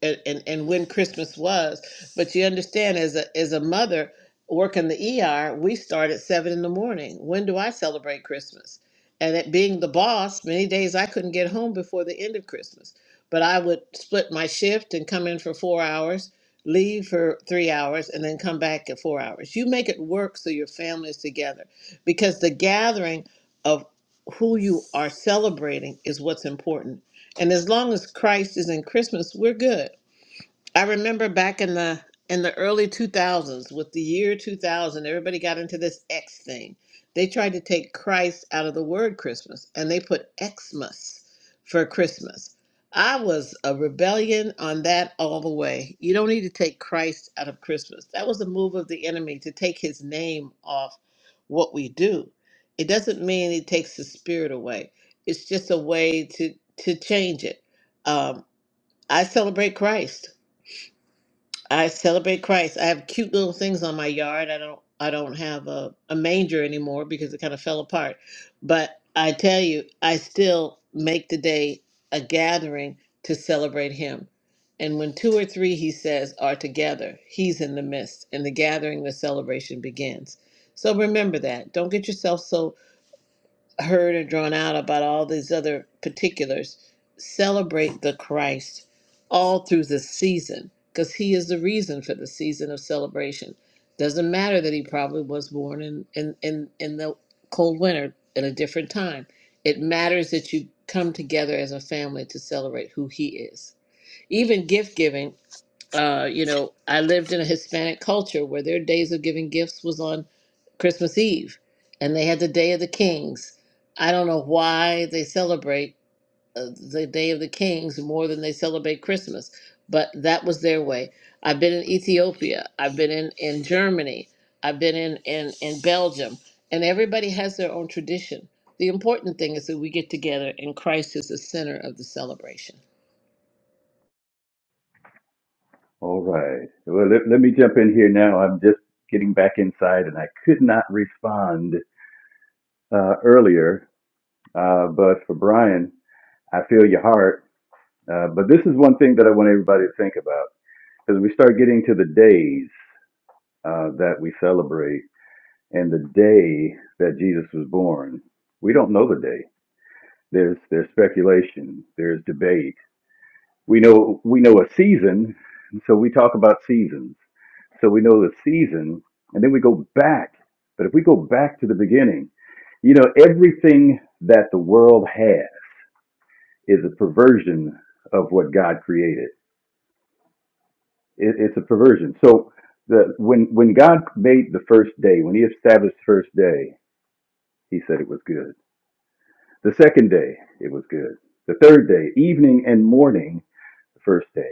and, and, and when Christmas was. But you understand, as a as a mother working the ER, we start at seven in the morning. When do I celebrate Christmas? And it being the boss, many days I couldn't get home before the end of Christmas. But I would split my shift and come in for four hours, leave for three hours, and then come back at four hours. You make it work so your family is together. Because the gathering of who you are celebrating is what's important. And as long as Christ is in Christmas, we're good I remember back in the in the early 2000s with the year 2000 everybody got into this X thing. They tried to take Christ out of the word Christmas and they put Xmas for Christmas. I was a rebellion on that all the way. You don't need to take Christ out of Christmas. That was a move of the enemy to take his name off what we do. It doesn't mean he takes the spirit away. It's just a way to to change it. Um, I celebrate Christ. I celebrate Christ. I have cute little things on my yard. I don't I don't have a, a manger anymore because it kind of fell apart. But I tell you, I still make the day a gathering to celebrate him. And when two or three, he says, are together, he's in the midst, and the gathering, the celebration begins. So remember that. Don't get yourself so heard and drawn out about all these other particulars. Celebrate the Christ all through the season because he is the reason for the season of celebration. Doesn't matter that he probably was born in, in, in, in the cold winter at a different time. It matters that you come together as a family to celebrate who he is. Even gift giving uh, you know, I lived in a Hispanic culture where their days of giving gifts was on Christmas Eve, and they had the Day of the Kings. I don't know why they celebrate uh, the Day of the Kings more than they celebrate Christmas, but that was their way. I've been in Ethiopia, I've been in, in Germany, I've been in, in, in Belgium, and everybody has their own tradition. The important thing is that we get together and Christ is the center of the celebration.
All right. Well, let, let me jump in here now. I'm just getting back inside and I could not respond uh, earlier. Uh, but for Brian, I feel your heart. Uh, but this is one thing that I want everybody to think about because we start getting to the days uh, that we celebrate. and the day that Jesus was born. We don't know the day. There's there's speculation. There's debate. We know we know a season, so we talk about seasons. So we know the season, and then we go back. But if we go back to the beginning, you know, everything that the world has is a perversion of what God created. It, it's a perversion. So the when when God made the first day, when He established the first day, He said it was good The second day it was good. The third day, evening and morning, the first day.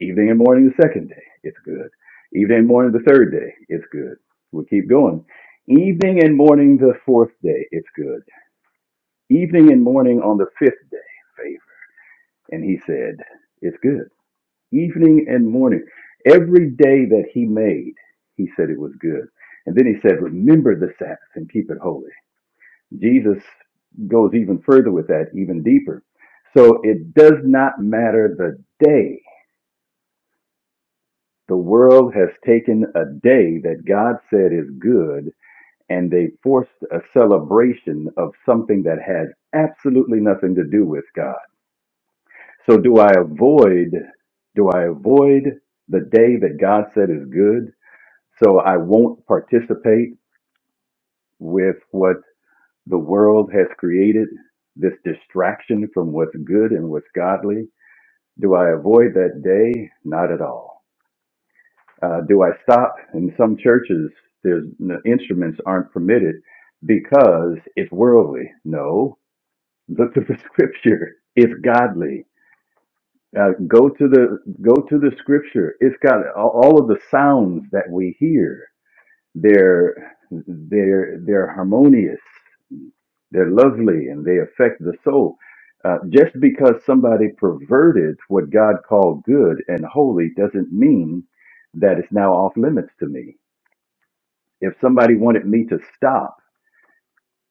Evening and morning, the second day, it's good. Evening and morning, the third day, it's good. We keep going. Evening and morning, the fourth day, it's good. Evening and morning on the fifth day, favor. And he said, It's good. Evening and morning. Every day that he made, he said it was good. And then he said, Remember the Sabbath and keep it holy. Jesus goes even further with that, even deeper. So it does not matter the day. The world has taken a day that God said is good, and they forced a celebration of something that had absolutely nothing to do with God. So do I avoid do I avoid the day that God said is good so I won't participate with what The world has created this distraction from what's good and what's godly. Do I avoid that day? Not at all. Uh, do I stop? In some churches, there's the instruments aren't permitted because it's worldly. No, look to the scripture. It's godly. Uh, go to the go to the scripture. It's got all all of the sounds that we hear. They're they're they're harmonious. They're lovely and they affect the soul. Uh, just because somebody perverted what God called good and holy doesn't mean that it's now off limits to me. If somebody wanted me to stop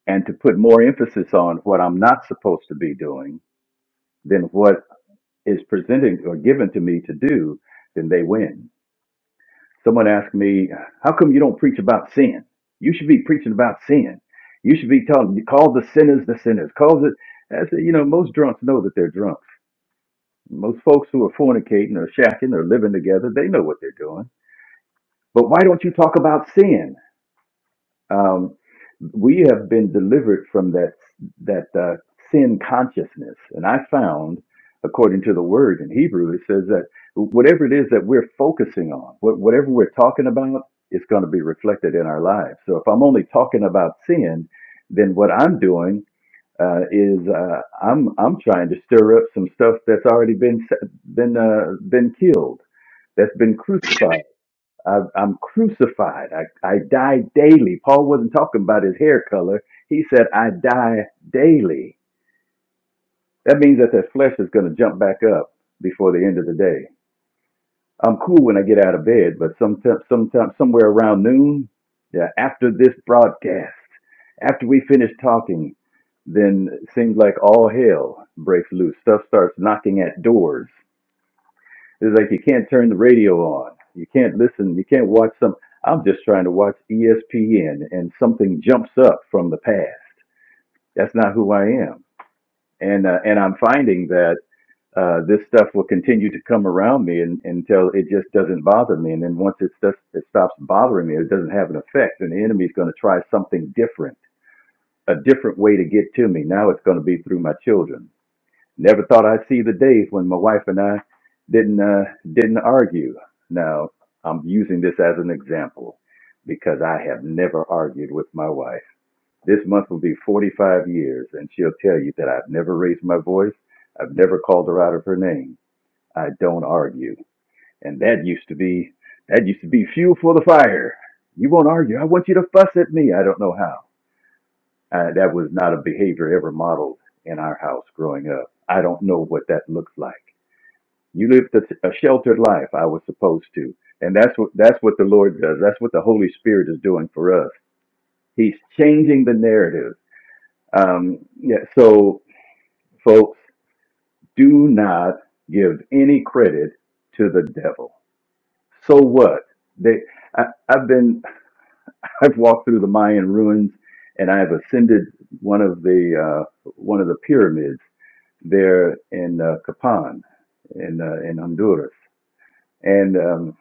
and to put more emphasis on what I'm not supposed to be doing than what is presented or given to me to do, then they win. Someone asked me, "How come you don't preach about sin? You should be preaching about sin. You should be telling you call the sinners the sinners. Calls it." I said, "You know, most drunks know that they're drunk. Most folks who are fornicating or shacking or living together, they know what they're doing. But why don't you talk about sin? Um, we have been delivered from that that uh, sin consciousness, and I found, according to the word in Hebrew, it says that whatever it is that we're focusing on, what, whatever we're talking about, is going to be reflected in our lives. So if I'm only talking about sin, then what I'm doing uh, is uh, I'm I'm trying to stir up some stuff that's already been been uh, been killed, that's been crucified I, I'm crucified. I, I die daily. Paul wasn't talking about his hair color. He said, I die daily. That means that the flesh is going to jump back up before the end of the day. I'm cool when I get out of bed, but sometime, sometime, somewhere around noon, yeah, after this broadcast, after we finish talking, then it seems like all hell breaks loose. Stuff starts knocking at doors. It's like you can't turn the radio on. You can't listen. You can't watch some. I'm just trying to watch ESPN, and something jumps up from the past. That's not who I am. And uh, and I'm finding that uh, this stuff will continue to come around me and, until it just doesn't bother me. And then once it just it stops bothering me, it doesn't have an effect. And the enemy's going to try something different, a different way to get to me. Now it's going to be through my children. Never thought I'd see the days when my wife and I didn't uh, didn't argue. Now I'm using this as an example because I have never argued with my wife. This month will be 45 years, and she'll tell you that I've never raised my voice. I've never called her out of her name. I don't argue, and that used to be that used to be fuel for the fire. You won't argue. I want you to fuss at me. I don't know how. Uh, that was not a behavior ever modeled in our house growing up. I don't know what that looks like. You lived a, a sheltered life. I was supposed to, and that's what that's what the Lord does. That's what the Holy Spirit is doing for us. He's changing the narrative. Um, yeah. So, folks, do not give any credit to the devil. So what? They, I, I've been, I've walked through the Mayan ruins, and I've ascended one of the uh, one of the pyramids there in uh, Capan, in uh, in Honduras, and. um,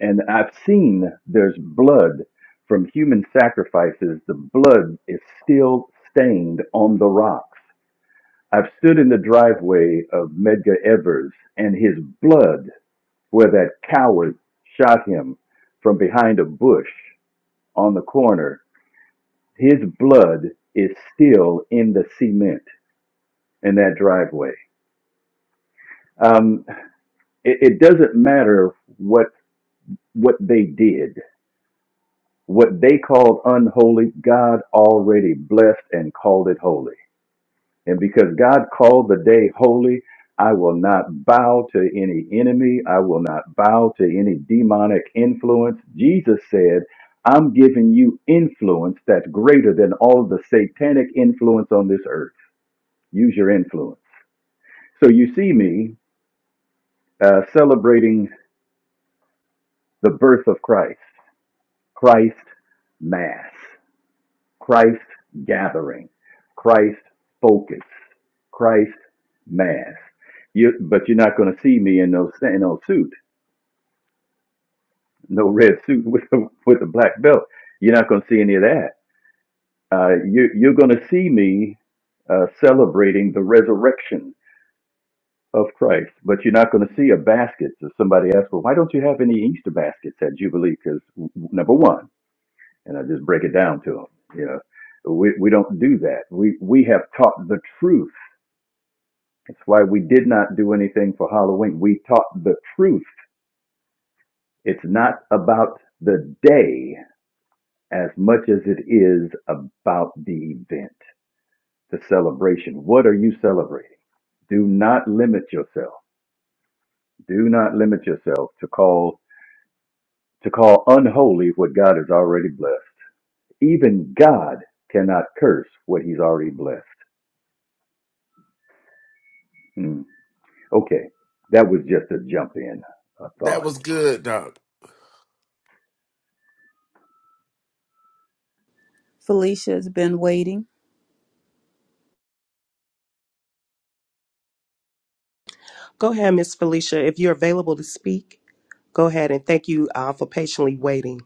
And I've seen there's blood from human sacrifices. The blood is still stained on the rocks. I've stood in the driveway of Medgar Evers and his blood, where that coward shot him from behind a bush on the corner, his blood is still in the cement in that driveway. Um, it, it doesn't matter what what they did. What they called unholy, God already blessed and called it holy. And because God called the day holy, I will not bow to any enemy. I will not bow to any demonic influence. Jesus said, I'm giving you influence that's greater than all the satanic influence on this earth. Use your influence. So you see me uh, celebrating the birth of Christ, Christ Mass. Christ gathering, Christ focus, Christ mass. You, but you're not going to see me in no in no suit, no red suit with a, with a black belt. You're not going to see any of that. Uh, you, you're going to see me uh, celebrating the resurrection of Christ, but you're not going to see a basket. So somebody asks, well, why don't you have any Easter baskets at Jubilee? Because number one, and I just break it down to them, you know, we, we don't do that. We, we have taught the truth That's why we did not do anything for Halloween. We taught the truth. It's not about the day as much as it is about the event, the celebration. What are you celebrating? Do not limit yourself. Do not limit yourself to call to call unholy what God has already blessed. Even God cannot curse what He's already blessed. Hmm. Okay, that was just a jump in a thought.
That was good, Doc.
Felicia has been waiting.
Go ahead, Miss Felicia. If you're available to speak, go ahead and thank you uh, for patiently waiting.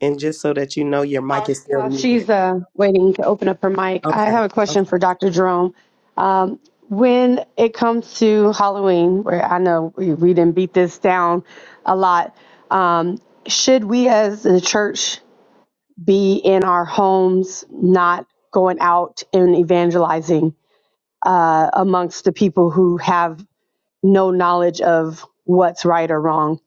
And just so that you know, your mic Oh, is still
While she's
muted.
uh, waiting to open up her mic, I
Okay.
have a
Okay.
question for Dr. Jerome. Um, when it comes to Halloween, where I know we, we didn't beat this down a lot, um, should we as the church be in our homes, not going out and evangelizing uh, amongst the people who have no knowledge of what's right or wrong?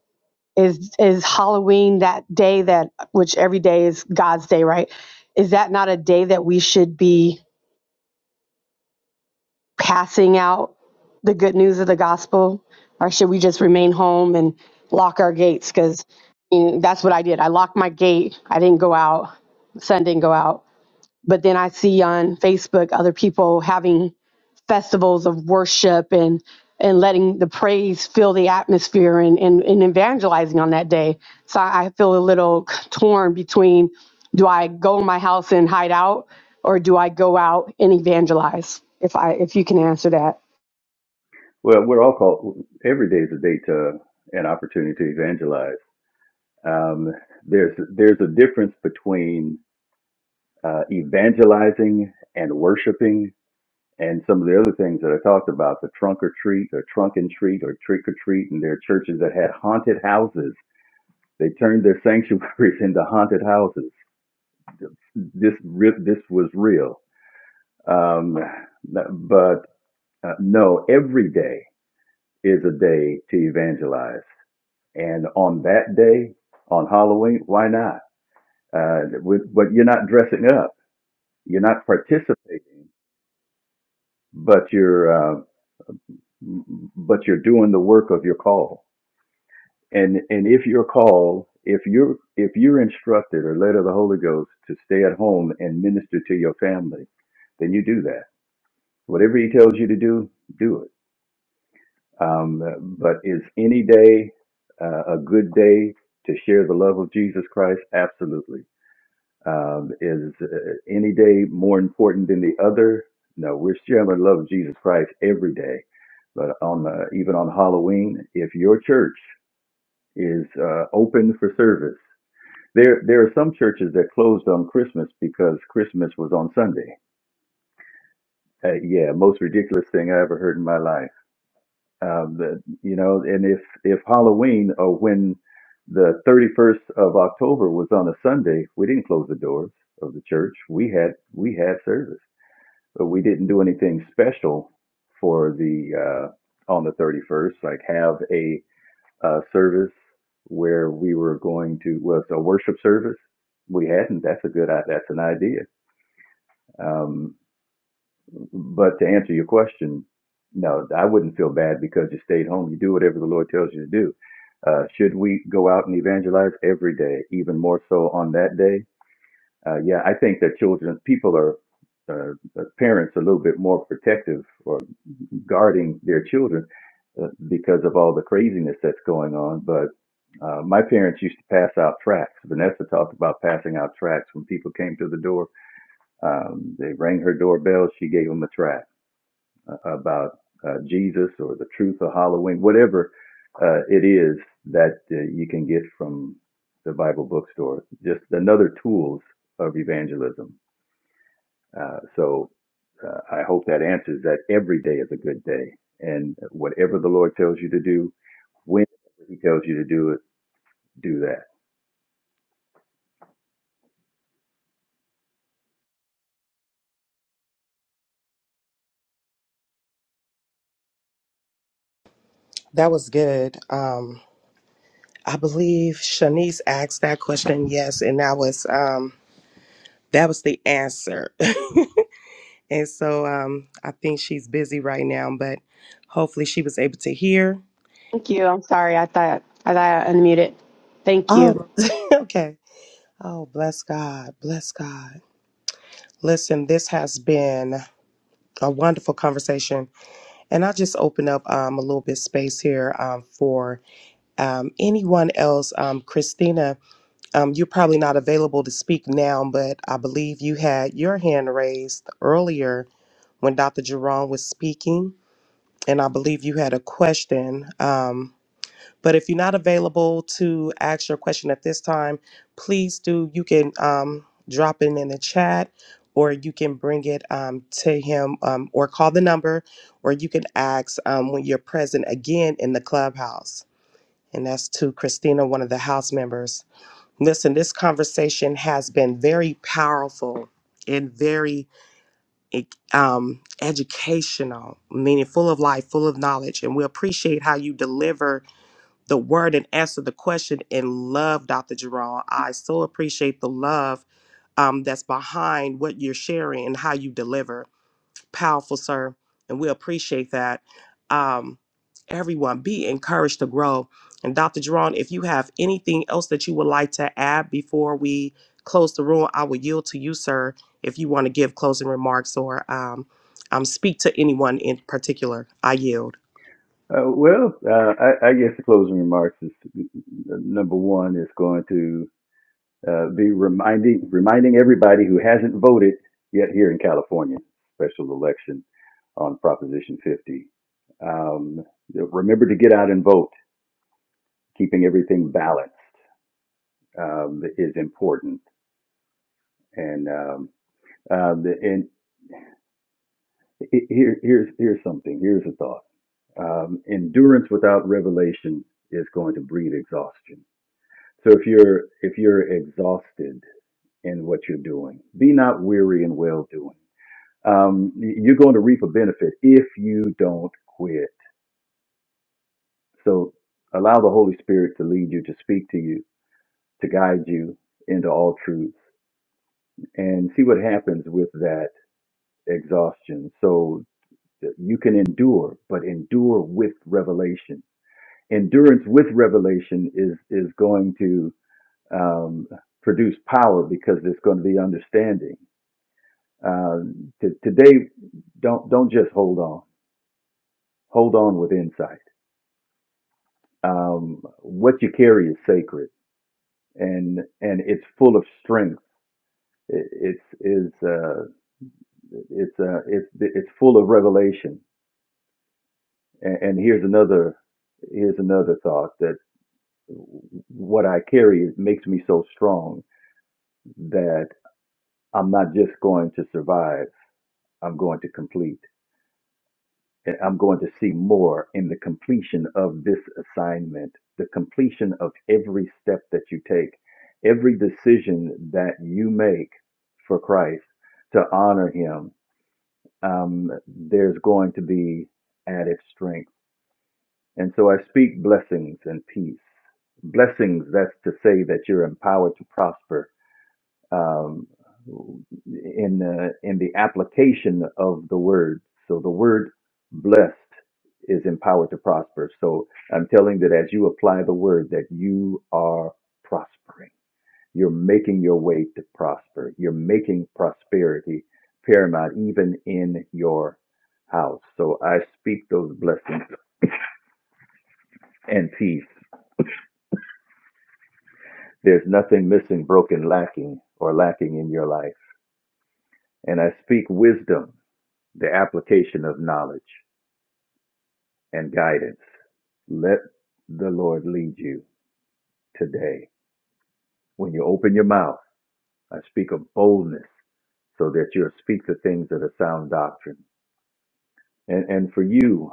is is Halloween that day that which every day is God's day, right? Is that not a day that we should be passing out the good news of the gospel, or should we just remain home and lock our gates? Because that's what I did. I locked my gate. I didn't go out. Son didn't go out. But then I see on Facebook other people having festivals of worship and and letting the praise fill the atmosphere and, and, and evangelizing on that day. So I feel a little torn between do I go in my house and hide out or do I go out and evangelize? If I if you can answer that.
Well, we're all called. Every day is a day to an opportunity to evangelize. Um, there's there's a difference between uh, evangelizing and worshiping, and some of the other things that I talked about, the trunk or treat, or trunk and treat, or trick or treat, and there are churches that had haunted houses. They turned their sanctuaries into haunted houses. This re- this was real. Um, but uh, no, every day is a day to evangelize And on that day, on Halloween, why not? Uh, with, but you're not dressing up. You're not participating, but you're uh, but you're doing the work of your call. And and if you're called, if you're if you're instructed or led of the Holy Ghost to stay at home and minister to your family, then you do that. Whatever He tells you to do, do it. Um, but is any day uh, a good day to share the love of Jesus Christ? Absolutely Um, is uh, any day more important than the other? No, we're sharing the love of Jesus Christ every day. But on uh, even on Halloween, if your church is uh, open for service, there there are some churches that closed on Christmas because Christmas was on Sunday. Uh, yeah, most ridiculous thing I ever heard in my life. Um, the, you know, and if if Halloween or when the 31st of October was on a Sunday, we didn't close the doors of the church. We had we had service but we didn't do anything special for the uh, on the 31st. Like have a uh, service where we were going to was a worship service. We hadn't. That's a good. That's an idea. Um, but to answer your question, no, I wouldn't feel bad because you stayed home. You do whatever the Lord tells you to do. Uh, should we go out and evangelize every day, even more so on that day? Uh, yeah, I think that children, people are, uh, parents, are a little bit more protective or guarding their children uh, because of all the craziness that's going on. But uh, my parents used to pass out tracts. Vanessa talked about passing out tracts when people came to the door. Um, they rang her doorbell. She gave them a tract uh, about uh, Jesus or the truth of Halloween, whatever uh, it is that uh, you can get from the Bible bookstore. Just another tools of evangelism. Uh, so uh, I hope that answers that every day is a good day. And whatever the Lord tells you to do, when He tells you to do it, do that.
that was good. Um, I believe Shanice asked that question, yes, and that was um that was the answer. and so um I think she's busy right now, but hopefully she was able to hear.
Thank you. I'm sorry. I thought I thought I unmuted. Thank you.
Oh okay. Oh bless God. Bless God. Listen, this has been a wonderful conversation. And I just open up um, a little bit space here um, for um, anyone else. Um, Christina, Um, you're probably not available to speak now, but I believe you had your hand raised earlier when Dr. Jerome was speaking, and I believe you had a question. Um, but if you're not available to ask your question at this time, please do. You can um, drop it in the chat, or you can bring it um, to him, um, or call the number, or you can ask um, when you're present again in the clubhouse. And that's to Christina, one of the house members. Listen, this conversation has been very powerful and very eh, um, educational, meaning full of life, full of knowledge. And we appreciate how you deliver the word and answer the question in love, Dr. Jerome. I so appreciate the love um, that's behind what you're sharing and how you deliver. Powerful, sir. And we appreciate that. Um, everyone, be encouraged to grow. And Dr. Jerron, if you have anything else that you would like to add before we close the room, I will yield to you, sir, if you want to give closing remarks or um, um, speak to anyone in particular. I yield.
Uh, well, uh, I, I guess the closing remarks is uh, number one is going to uh, be reminding reminding everybody who hasn't voted yet here in California special election on Proposition 50. Um, remember to get out and vote. Keeping everything balanced um, is important, and um, uh, the, and here, here's here's something. Here's a thought. Um, endurance without revelation is going to breed exhaustion. So if you're if you're exhausted in what you're doing, be not weary in well doing. Um, you're going to reap a benefit if you don't quit. So allow the Holy Spirit to lead you, to speak to you, to guide you into all truth, and see what happens with that exhaustion. So that you can endure, but endure with revelation endurance with revelation is is going to um, produce power because there's going to be understanding. Um to, today, don't don't just hold on. Hold on with insight. Um, what you carry is sacred, and and it's full of strength. It, it's is uh, it's uh, it's it's full of revelation. And, and here's another here's another thought that what I carry makes me so strong that. I'm not just going to survive, I'm going to complete. And I'm going to see more in the completion of this assignment, the completion of every step that you take, every decision that you make for Christ to honor Him. Um, there's going to be added strength. And so I speak blessings and peace. Blessings, that's to say that you're empowered to prosper um, in the in the application of the word. So the word blessed is empowered to prosper. So I'm telling that as you apply the word, that you are prospering. You're making your way to prosper. You're making prosperity paramount, even in your house. So I speak those blessings and peace. There's nothing missing, broken, lacking, or lacking in your life. And I speak wisdom The application of knowledge and guidance. Let the Lord lead you today. When you open your mouth, I speak of boldness so that you'll speak the things that are sound doctrine. And, and for you,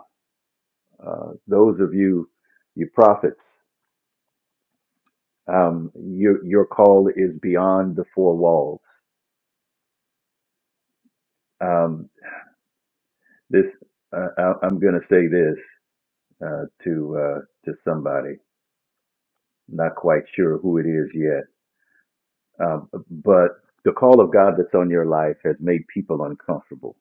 uh, those of you, you prophets, um, your, your call is beyond the four walls. Um, this, uh, I, I'm going to say this uh, to uh, to somebody. Not quite sure who it is yet Uh, but the call of God that's on your life has made people uncomfortable.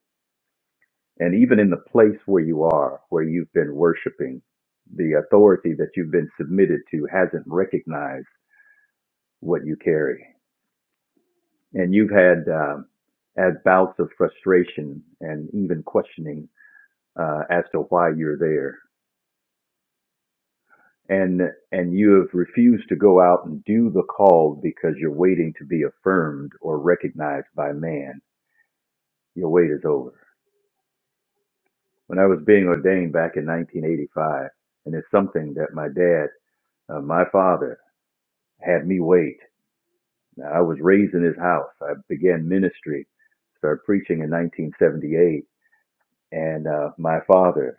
And even in the place where you are, where you've been worshiping, the authority that you've been submitted to hasn't recognized what you carry. And you've had, um, had bouts of frustration and even questioning uh, as to why you're there. And, and you have refused to go out and do the call because you're waiting to be affirmed or recognized by man. Your wait is over when I was being ordained back in 1985, and it's something that my dad, uh, my father, had me wait. Now, I was raised in his house. I began ministry, started preaching in 1978, and uh, my father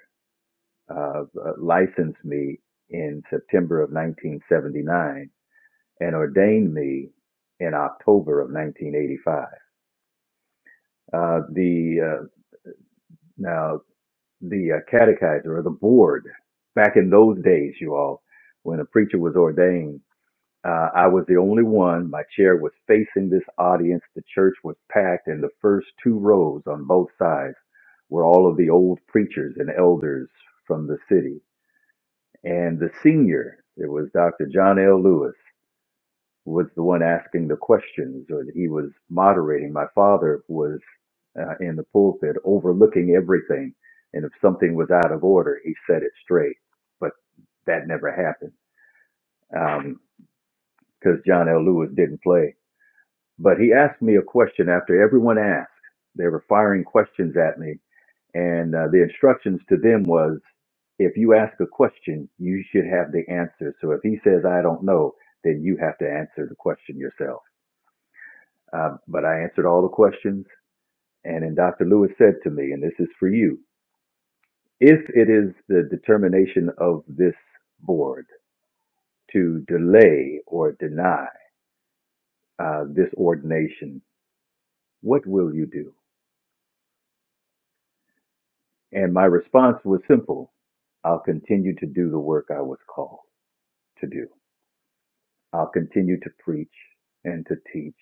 uh, licensed me in September of 1979 and ordained me in October of 1985. Uh, the uh, now the uh, catechizer or the board back in those days, you all, when a preacher was ordained, uh, I was the only one. My chair was facing this audience. The church was packed, and the first two rows on both sides were all of the old preachers and elders from the city. And the senior, it was Dr. John L. Lewis was the one asking the questions, or that he was moderating. My father was uh, in the pulpit overlooking everything, and if something was out of order, he set it straight. But that never happened because um, John L. Lewis didn't play. But he asked me a question after everyone asked. They were firing questions at me, and uh, the instructions to them was, if you ask a question, you should have the answer. So if he says I don't know, then you have to answer the question yourself. Um, but I answered all the questions. And then Dr. Lewis said to me, and this is for you if it is the determination of this board to delay or deny uh, this ordination, what will you do? And my response was simple I'll continue to do the work I was called to do. I'll continue to preach and to teach.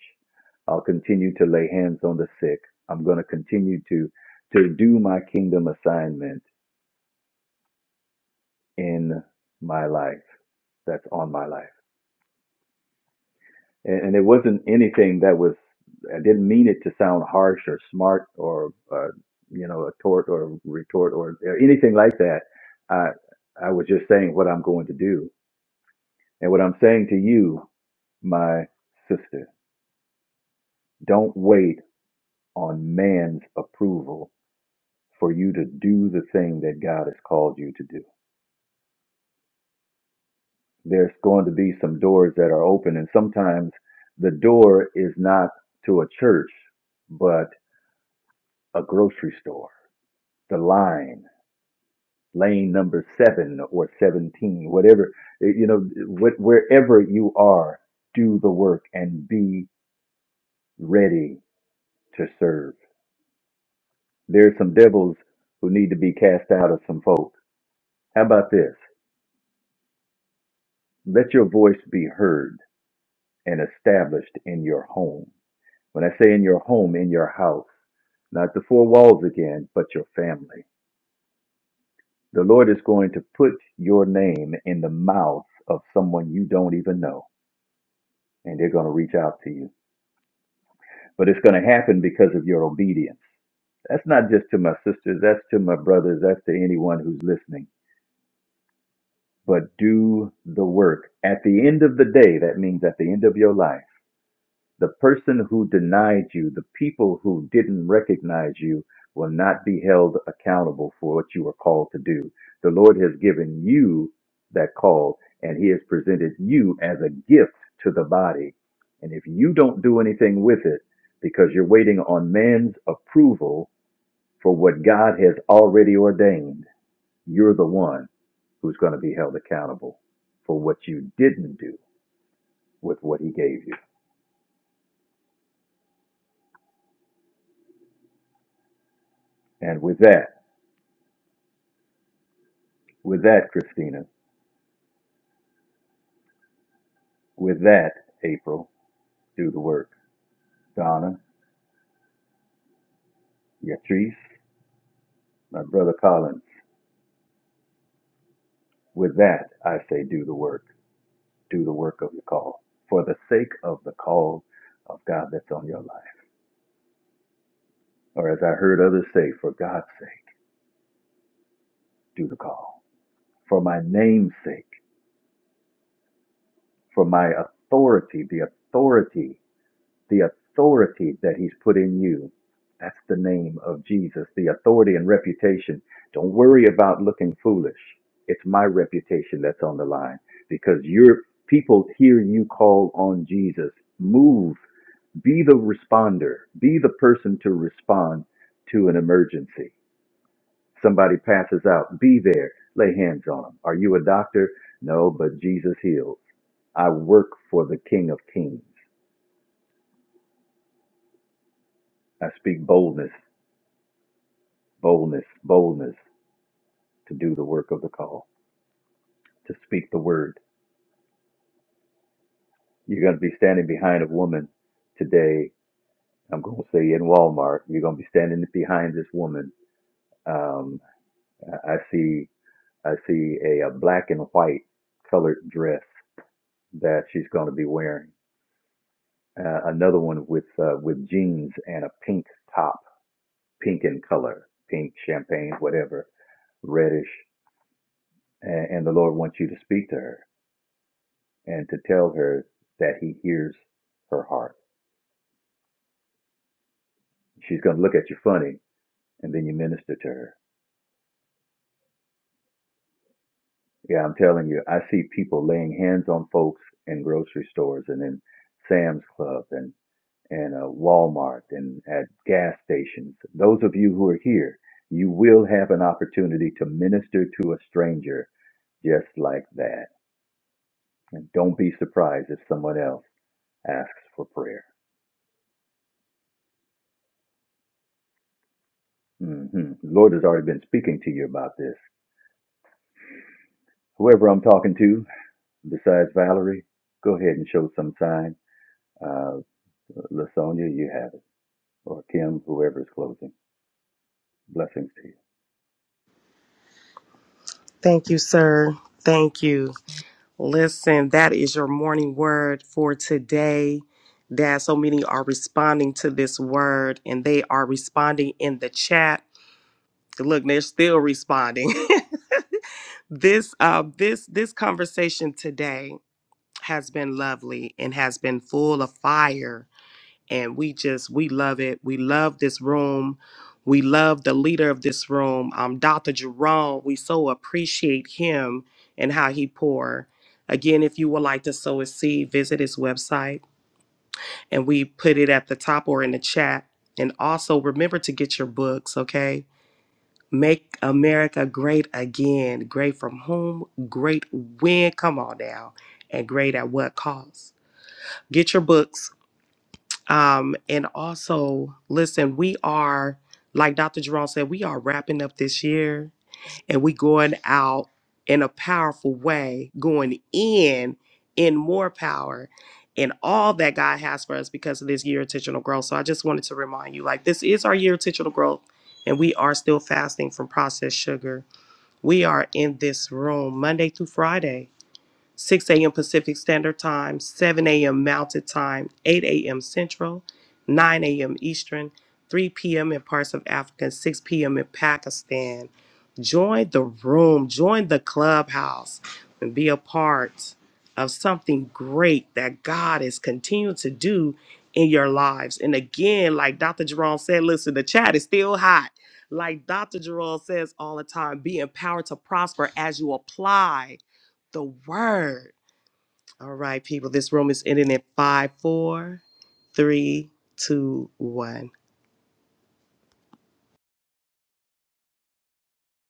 I'll continue to lay hands on the sick. I'm going to continue to to do my kingdom assignment in my life that's on my life. And, and it wasn't anything that was, I didn't mean it to sound harsh or smart or, uh, you know, a tort or a retort or, or anything like that. I, I was just saying what I'm going to do. And what I'm saying to you, my sister, don't wait on man's approval for you to do the thing that God has called you to do. There's going to be some doors that are open, and sometimes the door is not to a church, but a grocery store, the line, lane number seven or 17, whatever, eh, you know, wh- wherever you are, do the work and be ready to serve. There's some devils who need to be cast out of some folk. How about this? Let your voice be heard and established in your home. When I say in your home, in your house, not the four walls again, but your family The Lord is going to put your name in the mouth of someone you don't even know, and they're going to reach out to you. But it's going to happen because of your obedience. That's not just to my sisters, that's to my brothers, that's to anyone who's listening. But do the work. At the end of the day, that means at the end of your life The person who denied you, the people who didn't recognize you, will not be held accountable for what you are called to do. The Lord has given you that call, and He has presented you as a gift to the body. And if you don't do anything with it, because you're waiting on man's approval for what God has already ordained, you're the one who's going to be held accountable for what you didn't do with what He gave you. And with that, with that, Christina. With that, April, do the work. Donna, Yatrice, my brother Collins, with that I say do the work. Do the work of the call. For the sake of the call of God that's on your life. Or as I heard others say, for God's sake, do the call. For my name's sake, for my authority, the authority the authority that He's put in you. That's the name of Jesus, the authority and reputation. Don't worry about looking foolish. It's my reputation that's on the line because your people hear you call on Jesus. Move, be the responder, be the person to respond to an emergency. Somebody passes out, be there, lay hands on them. Are you a doctor? No, but Jesus heals. I work for the King of Kings. I speak boldness boldness, boldness to do the work of the call, to speak the word. You're going to be standing behind a woman today. I'm going to say in Walmart, you're going to be standing behind this woman. Um, I see, I see a, a black and white colored dress that she's going to be wearing. Uh, another one with uh, with jeans and a pink top, pink in color, pink champagne, whatever, reddish. And, and the Lord wants you to speak to her and to tell her that he hears her heart. She's going to look at you funny and then you minister to her. Yeah, I'm telling you, I see people laying hands on folks in grocery stores and in Sam's Club and and uh, Walmart and at gas stations. Those of you who are here, you will have an opportunity to minister to a stranger just like that. And don't be surprised if someone else asks for prayer. hmm The Lord has already been speaking to you about this. Whoever I'm talking to, Besides Valerie, go ahead and show some sign. Uh, Lasonia, you have it, or Kim, whoever is closing. Blessings to you.
Thank you, sir. Thank you. Listen, that is your morning word for today. Dad, so many are responding to this word and they are responding in the chat. Look, they're still responding. this uh this this conversation today has been lovely and has been full of fire and we just we love it we love this room we love the leader of this room um dr jerome we so appreciate him and how he pour again if you would like to sow a seed visit his website and we put it at the top or in the chat and also remember to get your books okay Make America great again. Great from whom? Great when? Come on now. And great at what cost? Get your books. Um, and also, listen, we are, like Dr. Jerome said, we are wrapping up this year and we going out in a powerful way, going in in more power in all that God has for us because of this year of intentional growth. So I just wanted to remind you, like this is our year of intentional growth, and we are still fasting from processed sugar we are in this room Monday through Friday. 6 a.m. Pacific Standard Time, 7 a.m. Mountain Time, 8 a.m. Central, 9 a.m. Eastern, 3 p.m. in parts of Africa, 6 p.m. in Pakistan. Join the room, join the clubhouse, and be a part of something great that God is continuing to do in your lives. And again, like Dr. Jerome said, listen, the chat is still hot. Like Dr. Jerome says all the time, be empowered to prosper as you apply the word. All right, people, this room is ending in five, four, three, two, one.